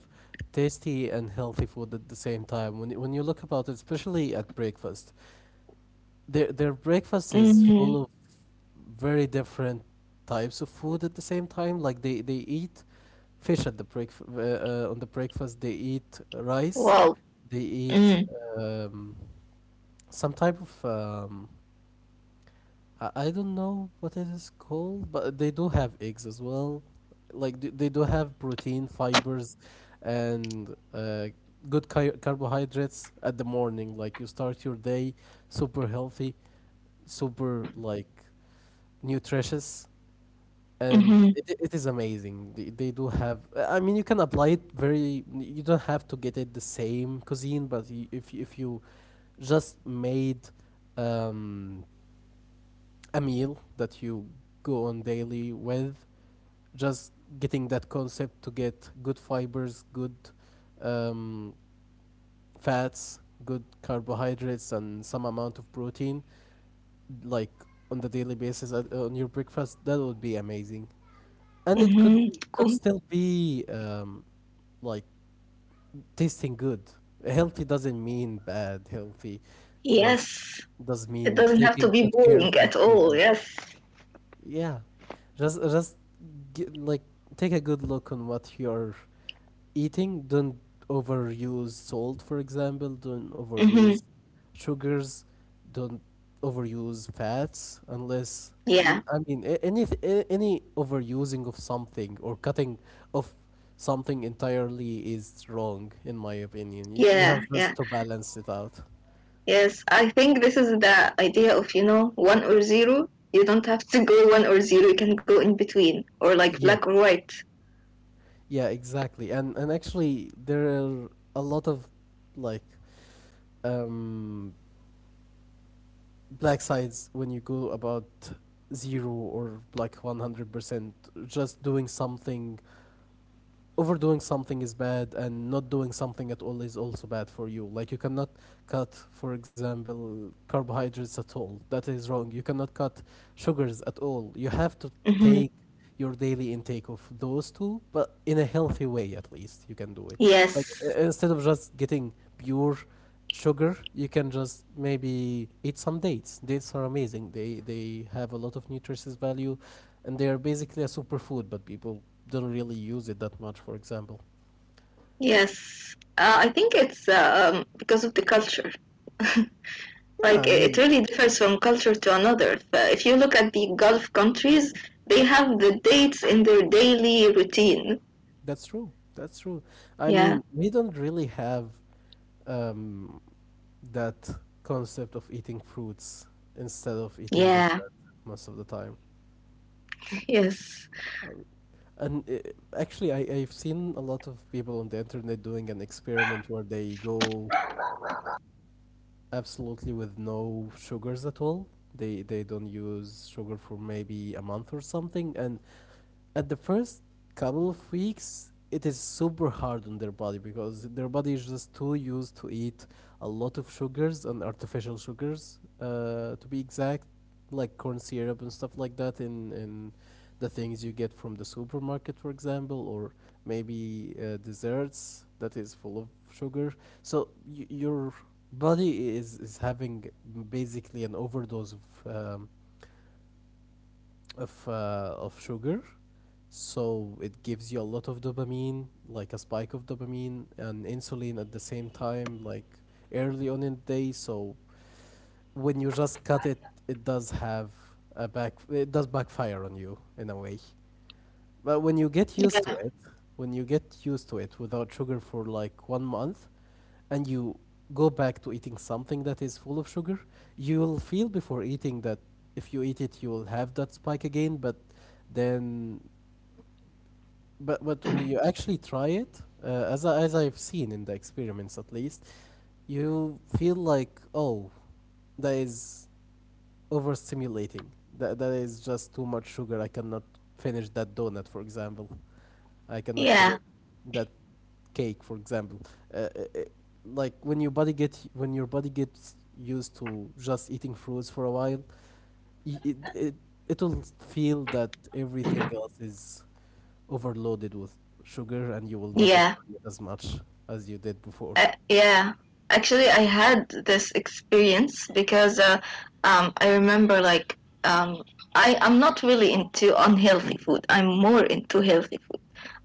[SPEAKER 1] tasty and healthy food at the same time. When you look about it, especially at breakfast, their breakfast is
[SPEAKER 2] Mm-hmm.
[SPEAKER 1] full of very different types of food at the same time. Like they eat fish at the break on the breakfast. They eat rice.
[SPEAKER 2] Wow.
[SPEAKER 1] They eat um, some type of I don't know what it is called, but they do have eggs as well. Like they do have protein, fibers, and good carbohydrates at the morning. Like you start your day super healthy, super like nutritious, and
[SPEAKER 2] Mm-hmm.
[SPEAKER 1] it is amazing. They do have. I mean, you can apply it very. You don't have to get it the same cuisine, but if you just made um a meal that you go on daily with just getting that concept to get good fibers good um, fats good carbohydrates and some amount of protein like on the daily basis at, on your breakfast. That would be amazing and it
[SPEAKER 2] Mm-hmm.
[SPEAKER 1] could
[SPEAKER 2] Cool.
[SPEAKER 1] still be like tasting good. Healthy doesn't mean bad. Healthy just
[SPEAKER 2] Yes.
[SPEAKER 1] does
[SPEAKER 2] It
[SPEAKER 1] mean
[SPEAKER 2] doesn't have to
[SPEAKER 1] taking
[SPEAKER 2] be
[SPEAKER 1] good care of
[SPEAKER 2] boring at all.
[SPEAKER 1] nutrition.
[SPEAKER 2] Yes.
[SPEAKER 1] Yeah, just get, like take a good look on what you're eating. Don't overuse salt, for example. Don't overuse
[SPEAKER 2] Mm-hmm.
[SPEAKER 1] sugars. Don't overuse fats unless
[SPEAKER 2] Yeah.
[SPEAKER 1] I mean any overusing of something or cutting of something entirely is wrong in my opinion. You
[SPEAKER 2] Yeah.
[SPEAKER 1] have
[SPEAKER 2] Yeah.
[SPEAKER 1] just to balance it out.
[SPEAKER 2] Yes. I think this is the idea of, you know, one or zero. You don't have to go one or zero. You can go in between or like
[SPEAKER 1] Yeah,
[SPEAKER 2] black or white.
[SPEAKER 1] yeah, exactly. And actually, there are a lot of like um, black sides when you go about zero or like 100%. Just doing something, Overdoing something is bad, and not doing something at all is also bad for you. Like, you cannot cut, for example, carbohydrates at all. That is wrong. You cannot cut sugars at all. You have to
[SPEAKER 2] Mm-hmm.
[SPEAKER 1] take your daily intake of those two, but in a healthy way at least you can do it. Like
[SPEAKER 2] Yes.
[SPEAKER 1] instead of just getting pure sugar, you can just maybe eat some dates. Dates are amazing. They have a lot of nutritious value, and they are basically a superfood. But people don't really use it that much. For example,
[SPEAKER 2] Yes. I think it's because of the culture.
[SPEAKER 1] yeah,
[SPEAKER 2] Like
[SPEAKER 1] I
[SPEAKER 2] it
[SPEAKER 1] mean,
[SPEAKER 2] really
[SPEAKER 1] that's
[SPEAKER 2] differs
[SPEAKER 1] true.
[SPEAKER 2] from culture to another. If you look at the Gulf countries, they have the dates in their daily routine.
[SPEAKER 1] That's true. That's true. I
[SPEAKER 2] Yeah.
[SPEAKER 1] mean, we don't really have um that concept of eating fruits instead of eating
[SPEAKER 2] Yeah,
[SPEAKER 1] dessert most of the time.
[SPEAKER 2] yes.
[SPEAKER 1] Um, And Actually, I've seen a lot of people on the internet doing an experiment where they go absolutely with no sugars at all. They don't use sugar for maybe a month or something, and at the first couple of weeks it is super hard on their body because their body is just too used to eat a lot of sugars and artificial sugars to be exact, like corn syrup and stuff like that in the things you get from the supermarket, for example, or maybe desserts that is full of sugar. So your body is having basically an overdose of um, of sugar. So it gives you a lot of dopamine, like a spike of dopamine and insulin at the same time, like early on in the day. So when you just cut it, it does have a back, it does backfire on you in a way. But when you get used to
[SPEAKER 2] Yeah,
[SPEAKER 1] it, when you get used to it without sugar for like 1 month and you go back to eating something that is full of sugar, you will feel before eating that if you eat it, you'll have that spike again, but then. But when you actually try it, as as I've seen in the experiments at least, you feel like, oh, that is overstimulating. That is just too much sugar. I cannot finish that donut, for example. I cannot finish
[SPEAKER 2] yeah,
[SPEAKER 1] that cake, for example. Uh, i- i- like when your body get when your body gets used to just eating fruits for a while, y- it it it will feel that everything else is overloaded with sugar and you will not
[SPEAKER 2] yeah,
[SPEAKER 1] enjoy it as much as you did before.
[SPEAKER 2] yeah. Actually, I had this experience because I remember like um, I, I'm not really into unhealthy food. I'm more into healthy food.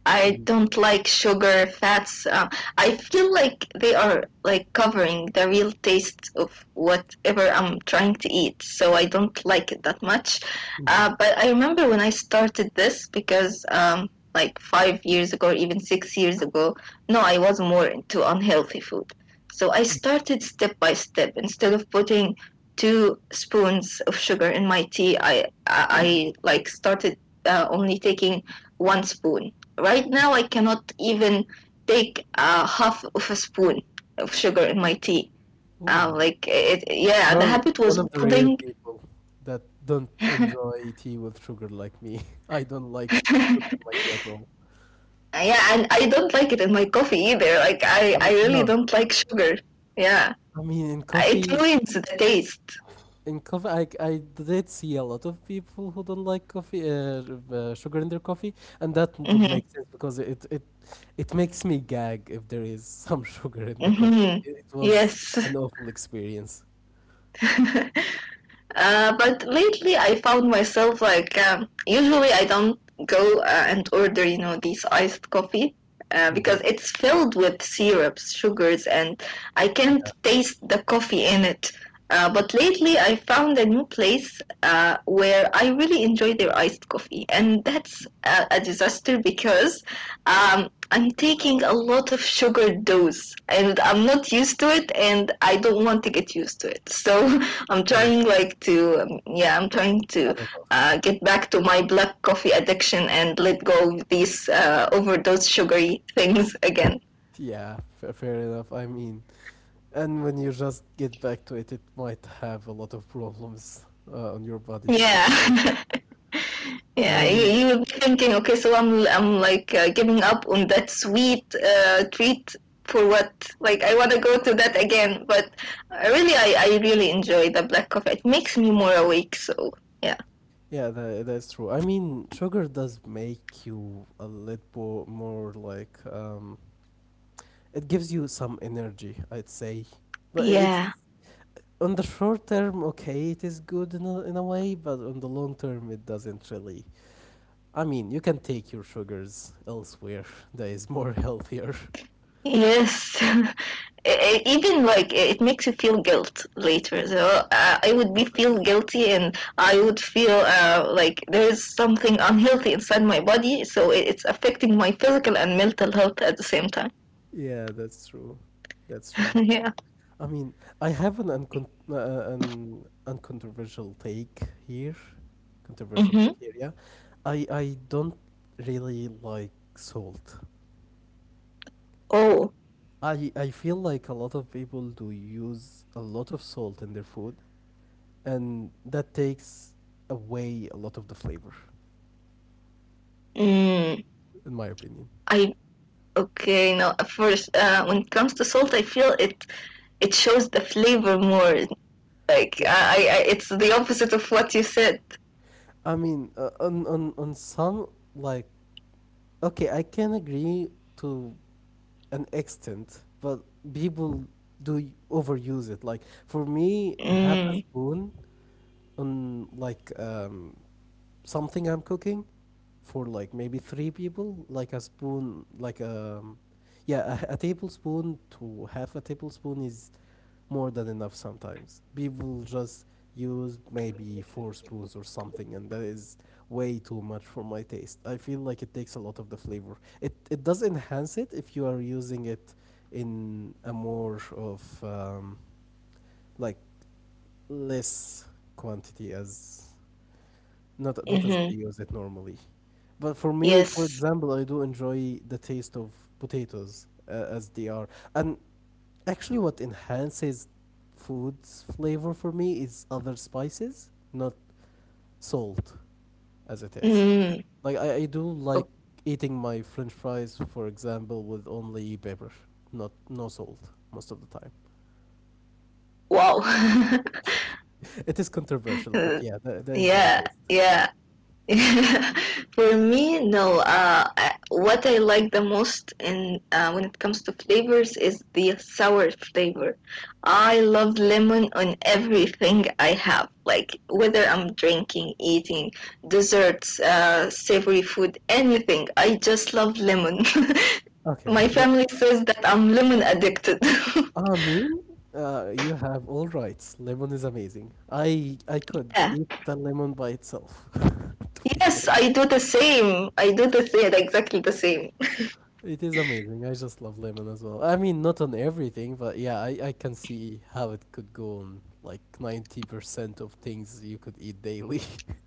[SPEAKER 2] I
[SPEAKER 1] Mhm.
[SPEAKER 2] don't like sugar, fats. I feel like they are like covering the real taste of whatever I'm trying to eat, so I don't like it that much.
[SPEAKER 1] Mhm.
[SPEAKER 2] But I remember when I started this because like 5 years ago, or even 6 years ago, no, I was more into unhealthy food. So I started step by step. Instead of putting two spoons of sugar in my tea, I like started only taking one spoon right now I cannot even take half of a spoon of sugar in my tea.
[SPEAKER 1] Ooh,
[SPEAKER 2] Like it, yeah, the
[SPEAKER 1] you're
[SPEAKER 2] habit
[SPEAKER 1] one
[SPEAKER 2] was
[SPEAKER 1] of the rare
[SPEAKER 2] building.
[SPEAKER 1] people that don't enjoy tea with sugar like me. I don't like sugar
[SPEAKER 2] Yeah,
[SPEAKER 1] in my tea at all.
[SPEAKER 2] and I don't like it in my coffee either. Like
[SPEAKER 1] I mean,
[SPEAKER 2] I really
[SPEAKER 1] no, no.
[SPEAKER 2] don't like sugar. Yeah,
[SPEAKER 1] I mean,
[SPEAKER 2] it ruins the taste.
[SPEAKER 1] in coffee, I did see a lot of people who don't like sugar in their coffee, and that would
[SPEAKER 2] Mm-hmm.
[SPEAKER 1] make sense because it makes me gag if there is some sugar in the coffee.
[SPEAKER 2] Mm-hmm.
[SPEAKER 1] It was an
[SPEAKER 2] Yes.
[SPEAKER 1] awful experience.
[SPEAKER 2] But lately, I found myself like usually I don't go and order you know these iced coffee
[SPEAKER 1] Mhm.
[SPEAKER 2] because it's filled with syrups, sugars, and I can't taste the coffee in it. But lately, I found a new place where I really enjoy their iced coffee, and that's a disaster because I'm
[SPEAKER 1] Oh,
[SPEAKER 2] taking a lot of sugar dose, and I'm not used to it, and I don't want to get used to it. So I'm
[SPEAKER 1] yeah,
[SPEAKER 2] trying like to yeah I'm trying to
[SPEAKER 1] cut it off.
[SPEAKER 2] get back to my black coffee addiction and let go of these overdose sugary things again.
[SPEAKER 1] Yeah, fair enough. I mean, and when you just get back to it, it might have a lot of problems on your body to be fair.
[SPEAKER 2] Yeah. Yeah, you,
[SPEAKER 1] Um,
[SPEAKER 2] you would be thinking, okay, so I'm like giving up on that sweet treat for what? Like I want to go to that again, but really, I really enjoy the black coffee. It makes me more awake. So yeah,
[SPEAKER 1] Yeah, that, that's true. I mean, sugar does make you a little more like it gives you some energy, I'd say. But it
[SPEAKER 2] yeah.
[SPEAKER 1] on the short term, okay, it is good in a way, but on the long term, it doesn't really. I mean, you can take your sugars elsewhere that is more healthier.
[SPEAKER 2] Yes. Even like it makes you feel guilt later. So I would be
[SPEAKER 1] Oh, that's
[SPEAKER 2] feel
[SPEAKER 1] true.
[SPEAKER 2] guilty, and I would feel like there is something unhealthy inside my body. So it's affecting my physical and mental health at the same time.
[SPEAKER 1] Yeah, that's true. That's true.
[SPEAKER 2] Yeah.
[SPEAKER 1] I mean, I have an uncontroversial take here. Controversial
[SPEAKER 2] Mm-hmm.
[SPEAKER 1] take here, yeah. I don't really like salt.
[SPEAKER 2] Oh.
[SPEAKER 1] I feel like a lot of people do use a lot of salt in their food, and that takes away a lot of the flavor,
[SPEAKER 2] Mm,
[SPEAKER 1] in my opinion.
[SPEAKER 2] I okay. Now, at first, when it comes to salt, I feel it. It shows the flavor more. Like
[SPEAKER 1] Yeah.
[SPEAKER 2] it's the opposite of what you said.
[SPEAKER 1] I mean, on on some like okay, I can agree to an extent, but people do overuse it. Like for me, half a
[SPEAKER 2] Mm.
[SPEAKER 1] spoon on like something I'm cooking for like maybe three people, like a spoon, like yeah, a tablespoon to half a tablespoon is more than enough sometimes. People just use maybe four spoons or something, and that is way too much for my taste. I feel like it takes a lot of the flavor. It does enhance it if you are using it in a more of like less quantity as not as they
[SPEAKER 2] Mm-hmm.
[SPEAKER 1] use it normally. But for me, for
[SPEAKER 2] Yes.
[SPEAKER 1] example, I do enjoy the taste of potatoes as they are, and actually, what enhances food's flavor for me is other spices, not salt as it is.
[SPEAKER 2] Mm.
[SPEAKER 1] Like, I do
[SPEAKER 2] Oh,
[SPEAKER 1] like eating my french fries, for example, with only pepper, not no salt most of the time.
[SPEAKER 2] wow.
[SPEAKER 1] It is controversial, but
[SPEAKER 2] Uh,
[SPEAKER 1] yeah, that, that is my
[SPEAKER 2] yeah,
[SPEAKER 1] taste.
[SPEAKER 2] yeah. For me, no. I, what I like the most in when it comes to flavors is the sour flavor. I love lemon on everything I have, like whether I'm drinking, eating, desserts, savory food, anything. I just love lemon.
[SPEAKER 1] Okay.
[SPEAKER 2] My
[SPEAKER 1] The,
[SPEAKER 2] family says that I'm lemon addicted.
[SPEAKER 1] ah, I mean, you have all rights. Lemon is amazing. I could
[SPEAKER 2] Yeah.
[SPEAKER 1] eat the lemon by itself, to be
[SPEAKER 2] Yes,
[SPEAKER 1] fair.
[SPEAKER 2] I do the same. I do the same, exactly the same.
[SPEAKER 1] It is amazing. I just love lemon as well. I mean, not on everything, but yeah, I can see how it could go on like 90% of things you could eat daily.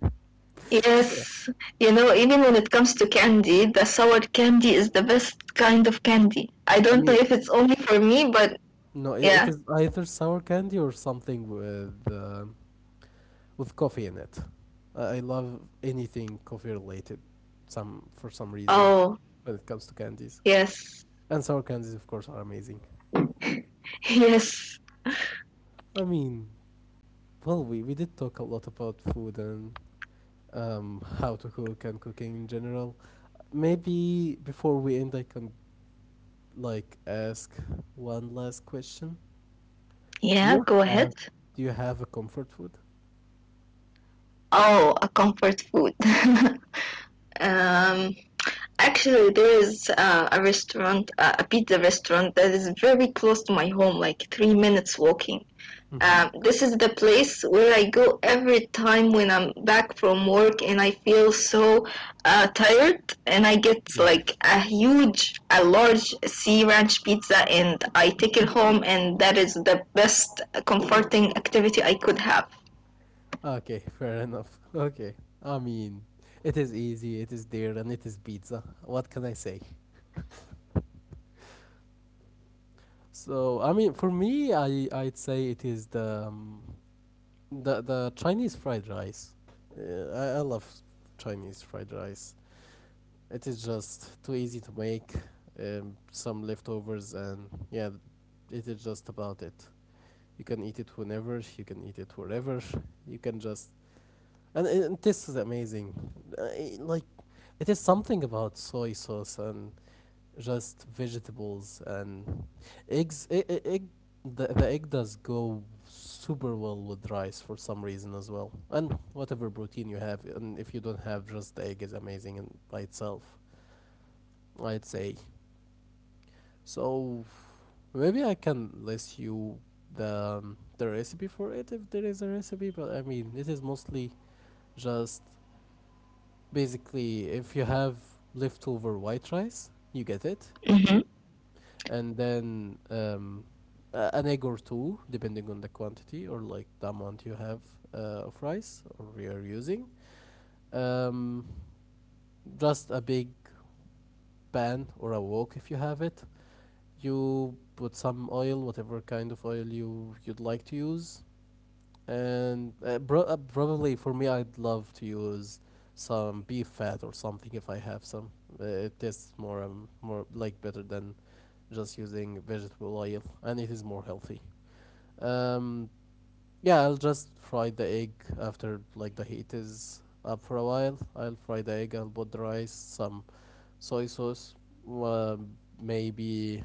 [SPEAKER 1] So, yeah.
[SPEAKER 2] Yes, you know, even when it comes to candy, the sour candy is the best kind of candy. I
[SPEAKER 1] I
[SPEAKER 2] don't know
[SPEAKER 1] mean,
[SPEAKER 2] if it's only for me, but
[SPEAKER 1] no, it
[SPEAKER 2] yeah.
[SPEAKER 1] is either sour candy or something with coffee in it. I love anything coffee related, some for some reason,
[SPEAKER 2] Oh,
[SPEAKER 1] when it comes to candies.
[SPEAKER 2] yes,
[SPEAKER 1] And sour candies, of course, are amazing.
[SPEAKER 2] yes,
[SPEAKER 1] I mean, well, we did talk a lot about food and how to cook and cooking in general. Maybe before we end, I can like ask one last question. Do
[SPEAKER 2] yeah.
[SPEAKER 1] you
[SPEAKER 2] Go ahead.
[SPEAKER 1] have do you have a comfort food?
[SPEAKER 2] Oh, a comfort food. um, actually, there is a restaurant, a pizza restaurant that is very close to my home, like 3 minutes walking.
[SPEAKER 1] Mm-hmm.
[SPEAKER 2] This is the place where I go every time when I'm back from work and I feel so tired. And I get
[SPEAKER 1] Yeah.
[SPEAKER 2] like a huge, a large sea ranch pizza and I take it home, and that is the best comforting activity I could have.
[SPEAKER 1] Okay, fair enough. Okay. I mean, it is easy, it is there, and it is pizza. What can I say? So, I mean, for me, I I'd say it is the Chinese fried rice. I love Chinese fried rice. It is just too easy to make some leftovers, and yeah, it is just about it. You can eat it whenever, you can eat it wherever, you can just. And this is amazing. Like, it is something about soy sauce and just vegetables and eggs. The egg does go super well with rice for some reason as well. And whatever protein you have, and if you don't have just the egg, is amazing and by itself. I'd say. So maybe I can list you the recipe for it if there is a recipe, but I mean it is mostly just basically if you have leftover white rice, you get it, you
[SPEAKER 2] Mm-hmm.
[SPEAKER 1] and then an egg or two depending on the quantity or like the amount you have of rice or you're using. Um, just a big pan or a wok if you have it. You put some oil, whatever kind of oil you'd like to use. Probably for me, I'd love to use some beef fat or something if I have some. It tastes more like better than just using vegetable oil, and it is more healthy. Um, yeah, I'll just fry the egg after like the heat is up for a while. I'll fry the egg. I'll put the rice, some soy sauce, uh, maybe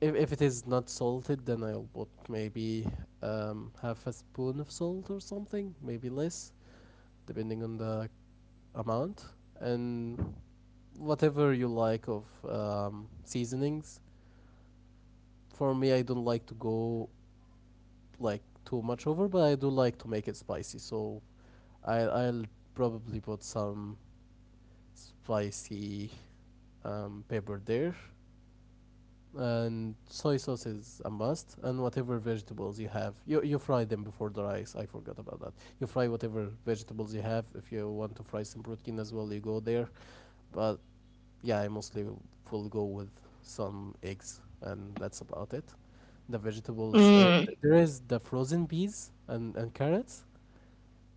[SPEAKER 1] if it is not salted, then I'll put maybe half a spoon of salt or something, maybe less, depending on the amount and whatever you like of seasonings. For me, I don't like to go like too much over, but I do like to make it spicy. So I'll probably put some spicy pepper there, and soy sauce is a must. And whatever vegetables you have, you fry them before the rice. I forgot about that. You fry whatever vegetables you have. If you want to fry some protein as well, you go there. But yeah, I mostly will go with some eggs, and that's about it. The vegetables, there
[SPEAKER 2] Mm.
[SPEAKER 1] is the frozen peas and carrots.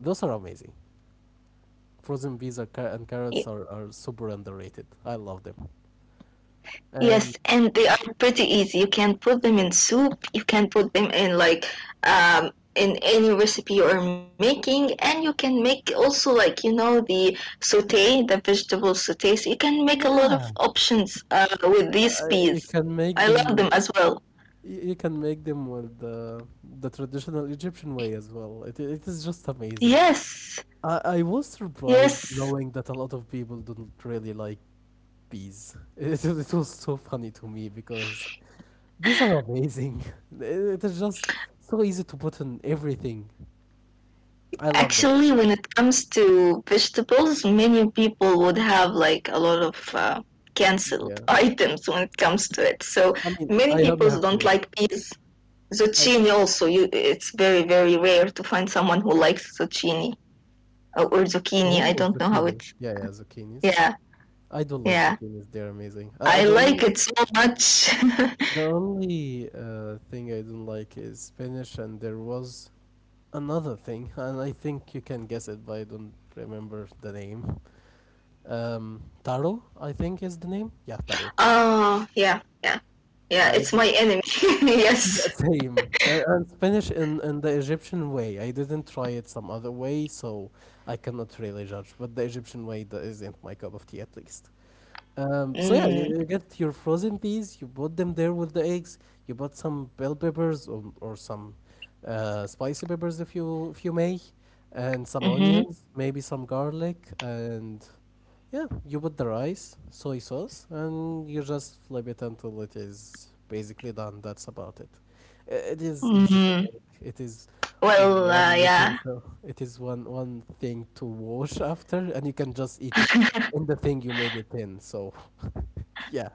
[SPEAKER 1] Those are amazing. Frozen peas and carrots are super underrated. I love them.
[SPEAKER 2] Yes,
[SPEAKER 1] And
[SPEAKER 2] and they are pretty easy. You can put them in soup, you can put them in like um, in any recipe you are making, and you can make also like you know the saute, the vegetable saute. So you can make a lot of
[SPEAKER 1] yeah,
[SPEAKER 2] options with these
[SPEAKER 1] you
[SPEAKER 2] peas.
[SPEAKER 1] can make
[SPEAKER 2] I
[SPEAKER 1] them,
[SPEAKER 2] love them as well.
[SPEAKER 1] you can make them with the traditional Egyptian way as well. It is just amazing.
[SPEAKER 2] Yes,
[SPEAKER 1] I was surprised
[SPEAKER 2] yes.
[SPEAKER 1] knowing that a lot of people don't really like bees. It was so funny to me because bees are amazing. It is just so easy to put in everything. I love them.
[SPEAKER 2] Actually, when it comes to vegetables, many people would have like a lot of canceled
[SPEAKER 1] Yeah.
[SPEAKER 2] items when it comes to it. So
[SPEAKER 1] I mean,
[SPEAKER 2] many
[SPEAKER 1] I only
[SPEAKER 2] people
[SPEAKER 1] have
[SPEAKER 2] don't
[SPEAKER 1] two.
[SPEAKER 2] like peas.
[SPEAKER 1] I.
[SPEAKER 2] Zucchini also, you, it's very very rare to find someone who likes zucchini or zucchini. I
[SPEAKER 1] Oh,
[SPEAKER 2] don't know how
[SPEAKER 1] zucchini.
[SPEAKER 2] it's.
[SPEAKER 1] Yeah, yeah, zucchinis.
[SPEAKER 2] Yeah,
[SPEAKER 1] I don't like
[SPEAKER 2] yeah.
[SPEAKER 1] zucchinis. They're amazing. I
[SPEAKER 2] I like
[SPEAKER 1] don't.
[SPEAKER 2] it so much.
[SPEAKER 1] The only thing I don't like is Spanish, and there was another thing, and I think you can guess it, but I don't remember the name. Taro, I think is the name. Yeah, taro.
[SPEAKER 2] Oh, yeah, yeah, yeah.
[SPEAKER 1] I
[SPEAKER 2] It's
[SPEAKER 1] d-
[SPEAKER 2] my enemy.
[SPEAKER 1] yeah,
[SPEAKER 2] Yes.
[SPEAKER 1] same. And Spanish in the Egyptian way. I didn't try it some other way, so I cannot really judge. But the Egyptian way, that isn't my cup of tea, at least. So yeah, you,
[SPEAKER 2] Mm,
[SPEAKER 1] you get your frozen peas, you put them there with the eggs, you put some bell peppers or some spicy peppers if you may, and some
[SPEAKER 2] mm-hmm.
[SPEAKER 1] onions, maybe some garlic, and yeah, you put the rice, soy sauce, and you just flip it until it is basically done. That's about it. I- It is easy to
[SPEAKER 2] Mm-hmm.
[SPEAKER 1] make. It is
[SPEAKER 2] Well,
[SPEAKER 1] one
[SPEAKER 2] yeah.
[SPEAKER 1] utensil. It is one thing to wash after, and you can just eat it in the thing you made it in. So, yeah,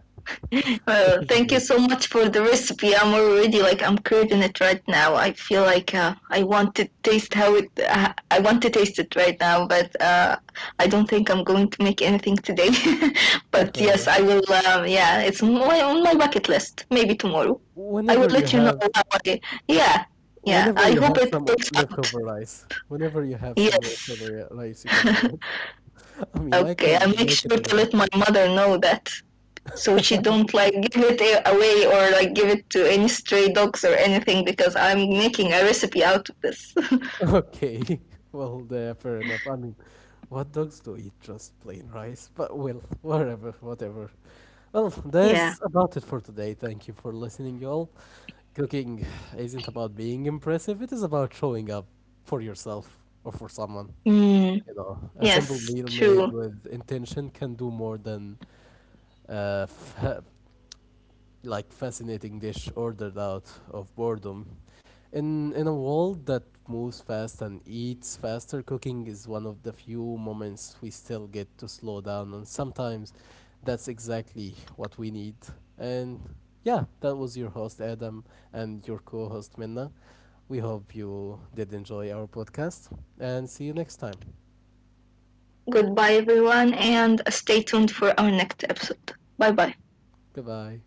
[SPEAKER 1] it
[SPEAKER 2] Well,
[SPEAKER 1] is
[SPEAKER 2] thank you so
[SPEAKER 1] amazing.
[SPEAKER 2] much for the recipe. I'm already like I'm craving it right now. I feel like I want to taste how it. I want to taste it right now, but I don't think I'm going to make anything today.
[SPEAKER 1] Yeah,
[SPEAKER 2] But
[SPEAKER 1] fair
[SPEAKER 2] yes,
[SPEAKER 1] enough.
[SPEAKER 2] I will. Yeah, it's my, on my bucket list. Maybe
[SPEAKER 1] Oh,
[SPEAKER 2] tomorrow. I
[SPEAKER 1] Whenever
[SPEAKER 2] will
[SPEAKER 1] you
[SPEAKER 2] let you know.
[SPEAKER 1] have
[SPEAKER 2] How I, yeah, yeah.
[SPEAKER 1] Whenever
[SPEAKER 2] I
[SPEAKER 1] you
[SPEAKER 2] hope
[SPEAKER 1] have
[SPEAKER 2] it
[SPEAKER 1] some
[SPEAKER 2] works
[SPEAKER 1] leftover
[SPEAKER 2] out.
[SPEAKER 1] rice, whenever you have some leftover
[SPEAKER 2] Yes.
[SPEAKER 1] ri- rice, you can do it. I mean, I
[SPEAKER 2] Okay, I'll
[SPEAKER 1] can
[SPEAKER 2] make
[SPEAKER 1] make
[SPEAKER 2] sure
[SPEAKER 1] it
[SPEAKER 2] to
[SPEAKER 1] whenever.
[SPEAKER 2] let my mother know that. So she don't like give it away or like give it to any stray dogs or anything because I'm making a recipe out of this.
[SPEAKER 1] Okay, well, there, fair enough. I mean, what dogs do eat just plain rice? But well, whatever, whatever. Well, that
[SPEAKER 2] Yeah.
[SPEAKER 1] is about it for today. Thank you for listening, y'all. Cooking isn't about being impressive, it is about showing up for yourself or for someone.
[SPEAKER 2] Mm,
[SPEAKER 1] You know, a simple
[SPEAKER 2] yes,
[SPEAKER 1] meal
[SPEAKER 2] true.
[SPEAKER 1] made with intention can do more than uh, fa- like fascinating dish ordered out of boredom. In a world that moves fast and eats faster, cooking is one of the few moments we still get to slow down, and sometimes that's exactly what we need. And yeah, that was your host Adam and your co-host Minna. We hope you did enjoy our podcast, and see you next time.
[SPEAKER 2] Goodbye, everyone, and stay tuned for our next episode. Bye bye.
[SPEAKER 1] Goodbye.